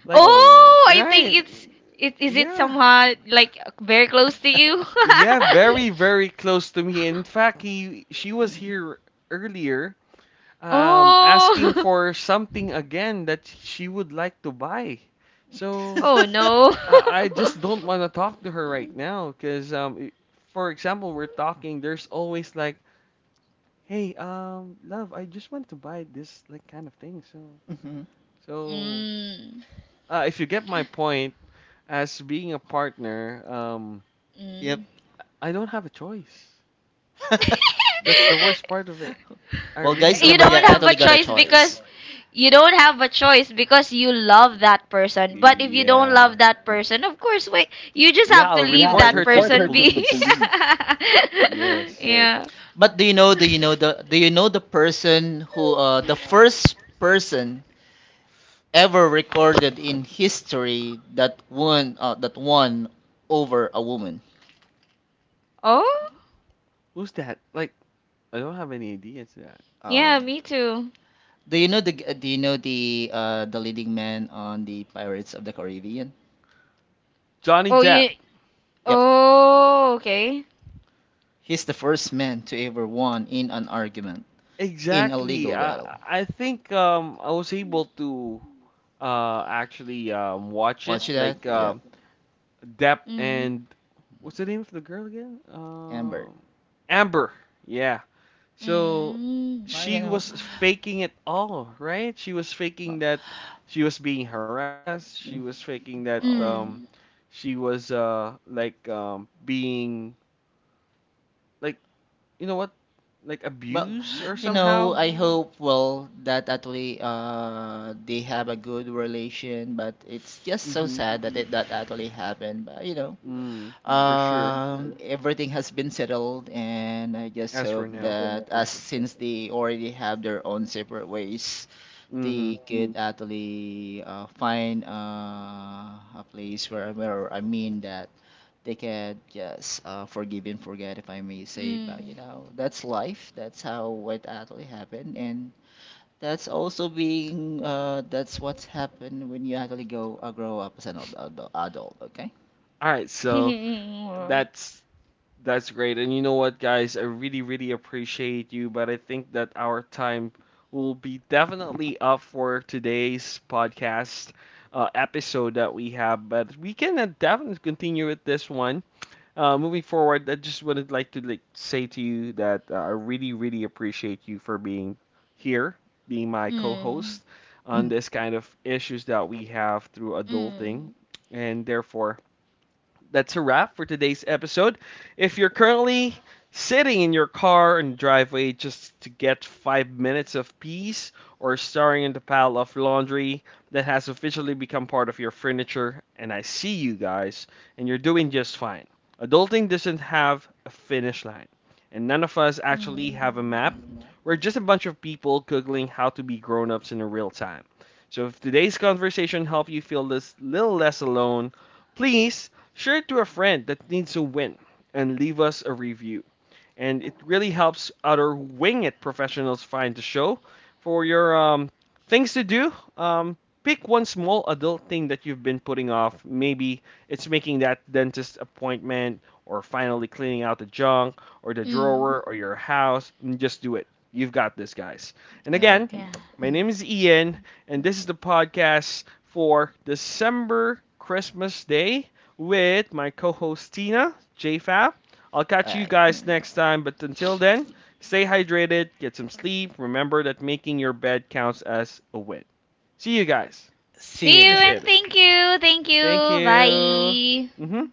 S1: Like,
S3: Oh.
S2: Oh, I think
S1: right?
S2: it's, it is it
S1: Yeah.
S2: somehow like very close to you?
S3: [laughs]
S1: Yeah,
S2: [laughs]
S1: very, very close to me. In fact, he she was here earlier, asking
S2: Oh. [laughs]
S1: for something again that she would like to buy. So
S2: Oh no.
S1: I
S2: [laughs]
S1: just don't want to talk to her right now, because for example, we're talking. There's always like hey, love, I just wanted to buy this like kind of thing. So,
S3: Mhm.
S1: so
S2: Mm.
S1: if you get my point, as being a partner,
S3: Yep.
S2: Mm.
S1: I don't have a choice.
S3: [laughs]
S2: [laughs]
S1: That's the worst part of it. I
S3: Well,
S1: really
S3: guys
S2: You
S1: don't
S3: never
S1: have a
S2: don't
S3: got
S2: have a
S3: actually
S1: choice.
S3: got a
S2: choice
S3: choice.
S2: because, you don't have a choice because you love that person. But if you don't
S1: Yeah.
S2: love that person, of course, wait, you just
S1: Yeah,
S2: have to
S1: I'll
S2: leave, yeah,
S1: report
S2: that
S1: her
S2: report her
S1: to the
S2: person to the be,
S1: police.
S2: the police. [laughs]
S1: Yes.
S2: Yeah.
S3: But do you know? Do you know the? Do you know the person who? The first person ever recorded in history that won. That won over a woman.
S2: Oh.
S1: Who's that? Like, I don't have any idea into that.
S3: Oh.
S2: Yeah, me too.
S3: Do you know the? Do you know the? The leading man on the Pirates of the Caribbean.
S1: Johnny
S2: Oh,
S1: Depp.
S2: yeah.
S3: Yep,
S2: Oh, okay.
S3: he's the first man to ever won in an argument in a
S1: Exactly.
S3: legal
S1: I
S3: battle.
S1: I think I was able to actually watch it.
S3: Watch that.
S1: Like yeah.
S3: Yep.
S1: Depp
S2: Mm.
S1: and what's the name of the girl again?
S3: Amber.
S1: Amber. Yeah. So
S2: Mm.
S3: Well, you
S1: she
S3: know,
S1: was faking it all, right? She was faking
S3: well,
S1: that she was being harassed. She was faking that
S2: Mm.
S3: well.
S1: she was like being like you know what like
S3: Well,
S1: abused or
S3: you know,
S1: somehow.
S3: I hope well that actually they have a good relation, but it's just so
S1: Mhm.
S3: sad that that actually happened. But you know,
S1: Mm, for sure.
S3: uh, everything has been settled, and I just
S1: As for
S3: hope,
S1: now, for
S3: as
S1: sure.
S3: since they already have their own separate ways,
S1: Mhm.
S3: they actually find a place where I mean that they can just forgive and forget, if I may say. But you
S2: Mm.
S3: know, that's life. That's how it actually happened, and that's also being that's what's happened when you actually go grow up as an adult. Adult, okay.
S1: All right. So
S2: [laughs]
S1: that's That's great. And you know what, guys? I really, really appreciate you, but I think that our time will be definitely up for today's podcast episode that we have. But we can definitely continue with this one. Moving forward, I just would like to like say to you that I really, really appreciate you for being here, being my
S2: Mm.
S1: co-host on
S3: Hmm.
S1: this kind of issues that we have through adulting,
S2: Mm.
S1: and therefore that's a wrap for today's episode. If you're currently sitting in your car and driveway just to get 5 minutes of peace, or staring in the pile of laundry that has officially become part of your furniture, and I see you guys, and you're doing just fine. Adulting doesn't have a finish line, and none of us actually
S2: Mm.
S1: have a map. We're just a bunch of people googling how to be grown ups in real time. So if today's conversation helped you feel this little less alone, please share it to a friend that needs a win and leave us a review and it really helps other wing it professionals find the show. For your things to do, um, pick one small adult thing that you've been putting off. Maybe it's making that dentist appointment, or finally cleaning out the junk, or the
S2: Mm.
S1: drawer, or your house. And just do it. You've got this, guys. And again,
S3: Okay.
S2: Yeah.
S1: my name is Ian, and this is the podcast for December Christmas Day with my co host Tina, JFAF. I'll
S3: All
S1: catch you
S3: right.
S1: guys next time, but until then, stay hydrated, get some sleep. Remember that making your bed counts as a win. See you guys.
S3: See you
S2: See you, and
S1: Appreciate it.
S3: guys.
S2: thank you. Thank
S1: Thank
S2: you.
S1: you.
S2: Bye.
S1: Mm-hmm.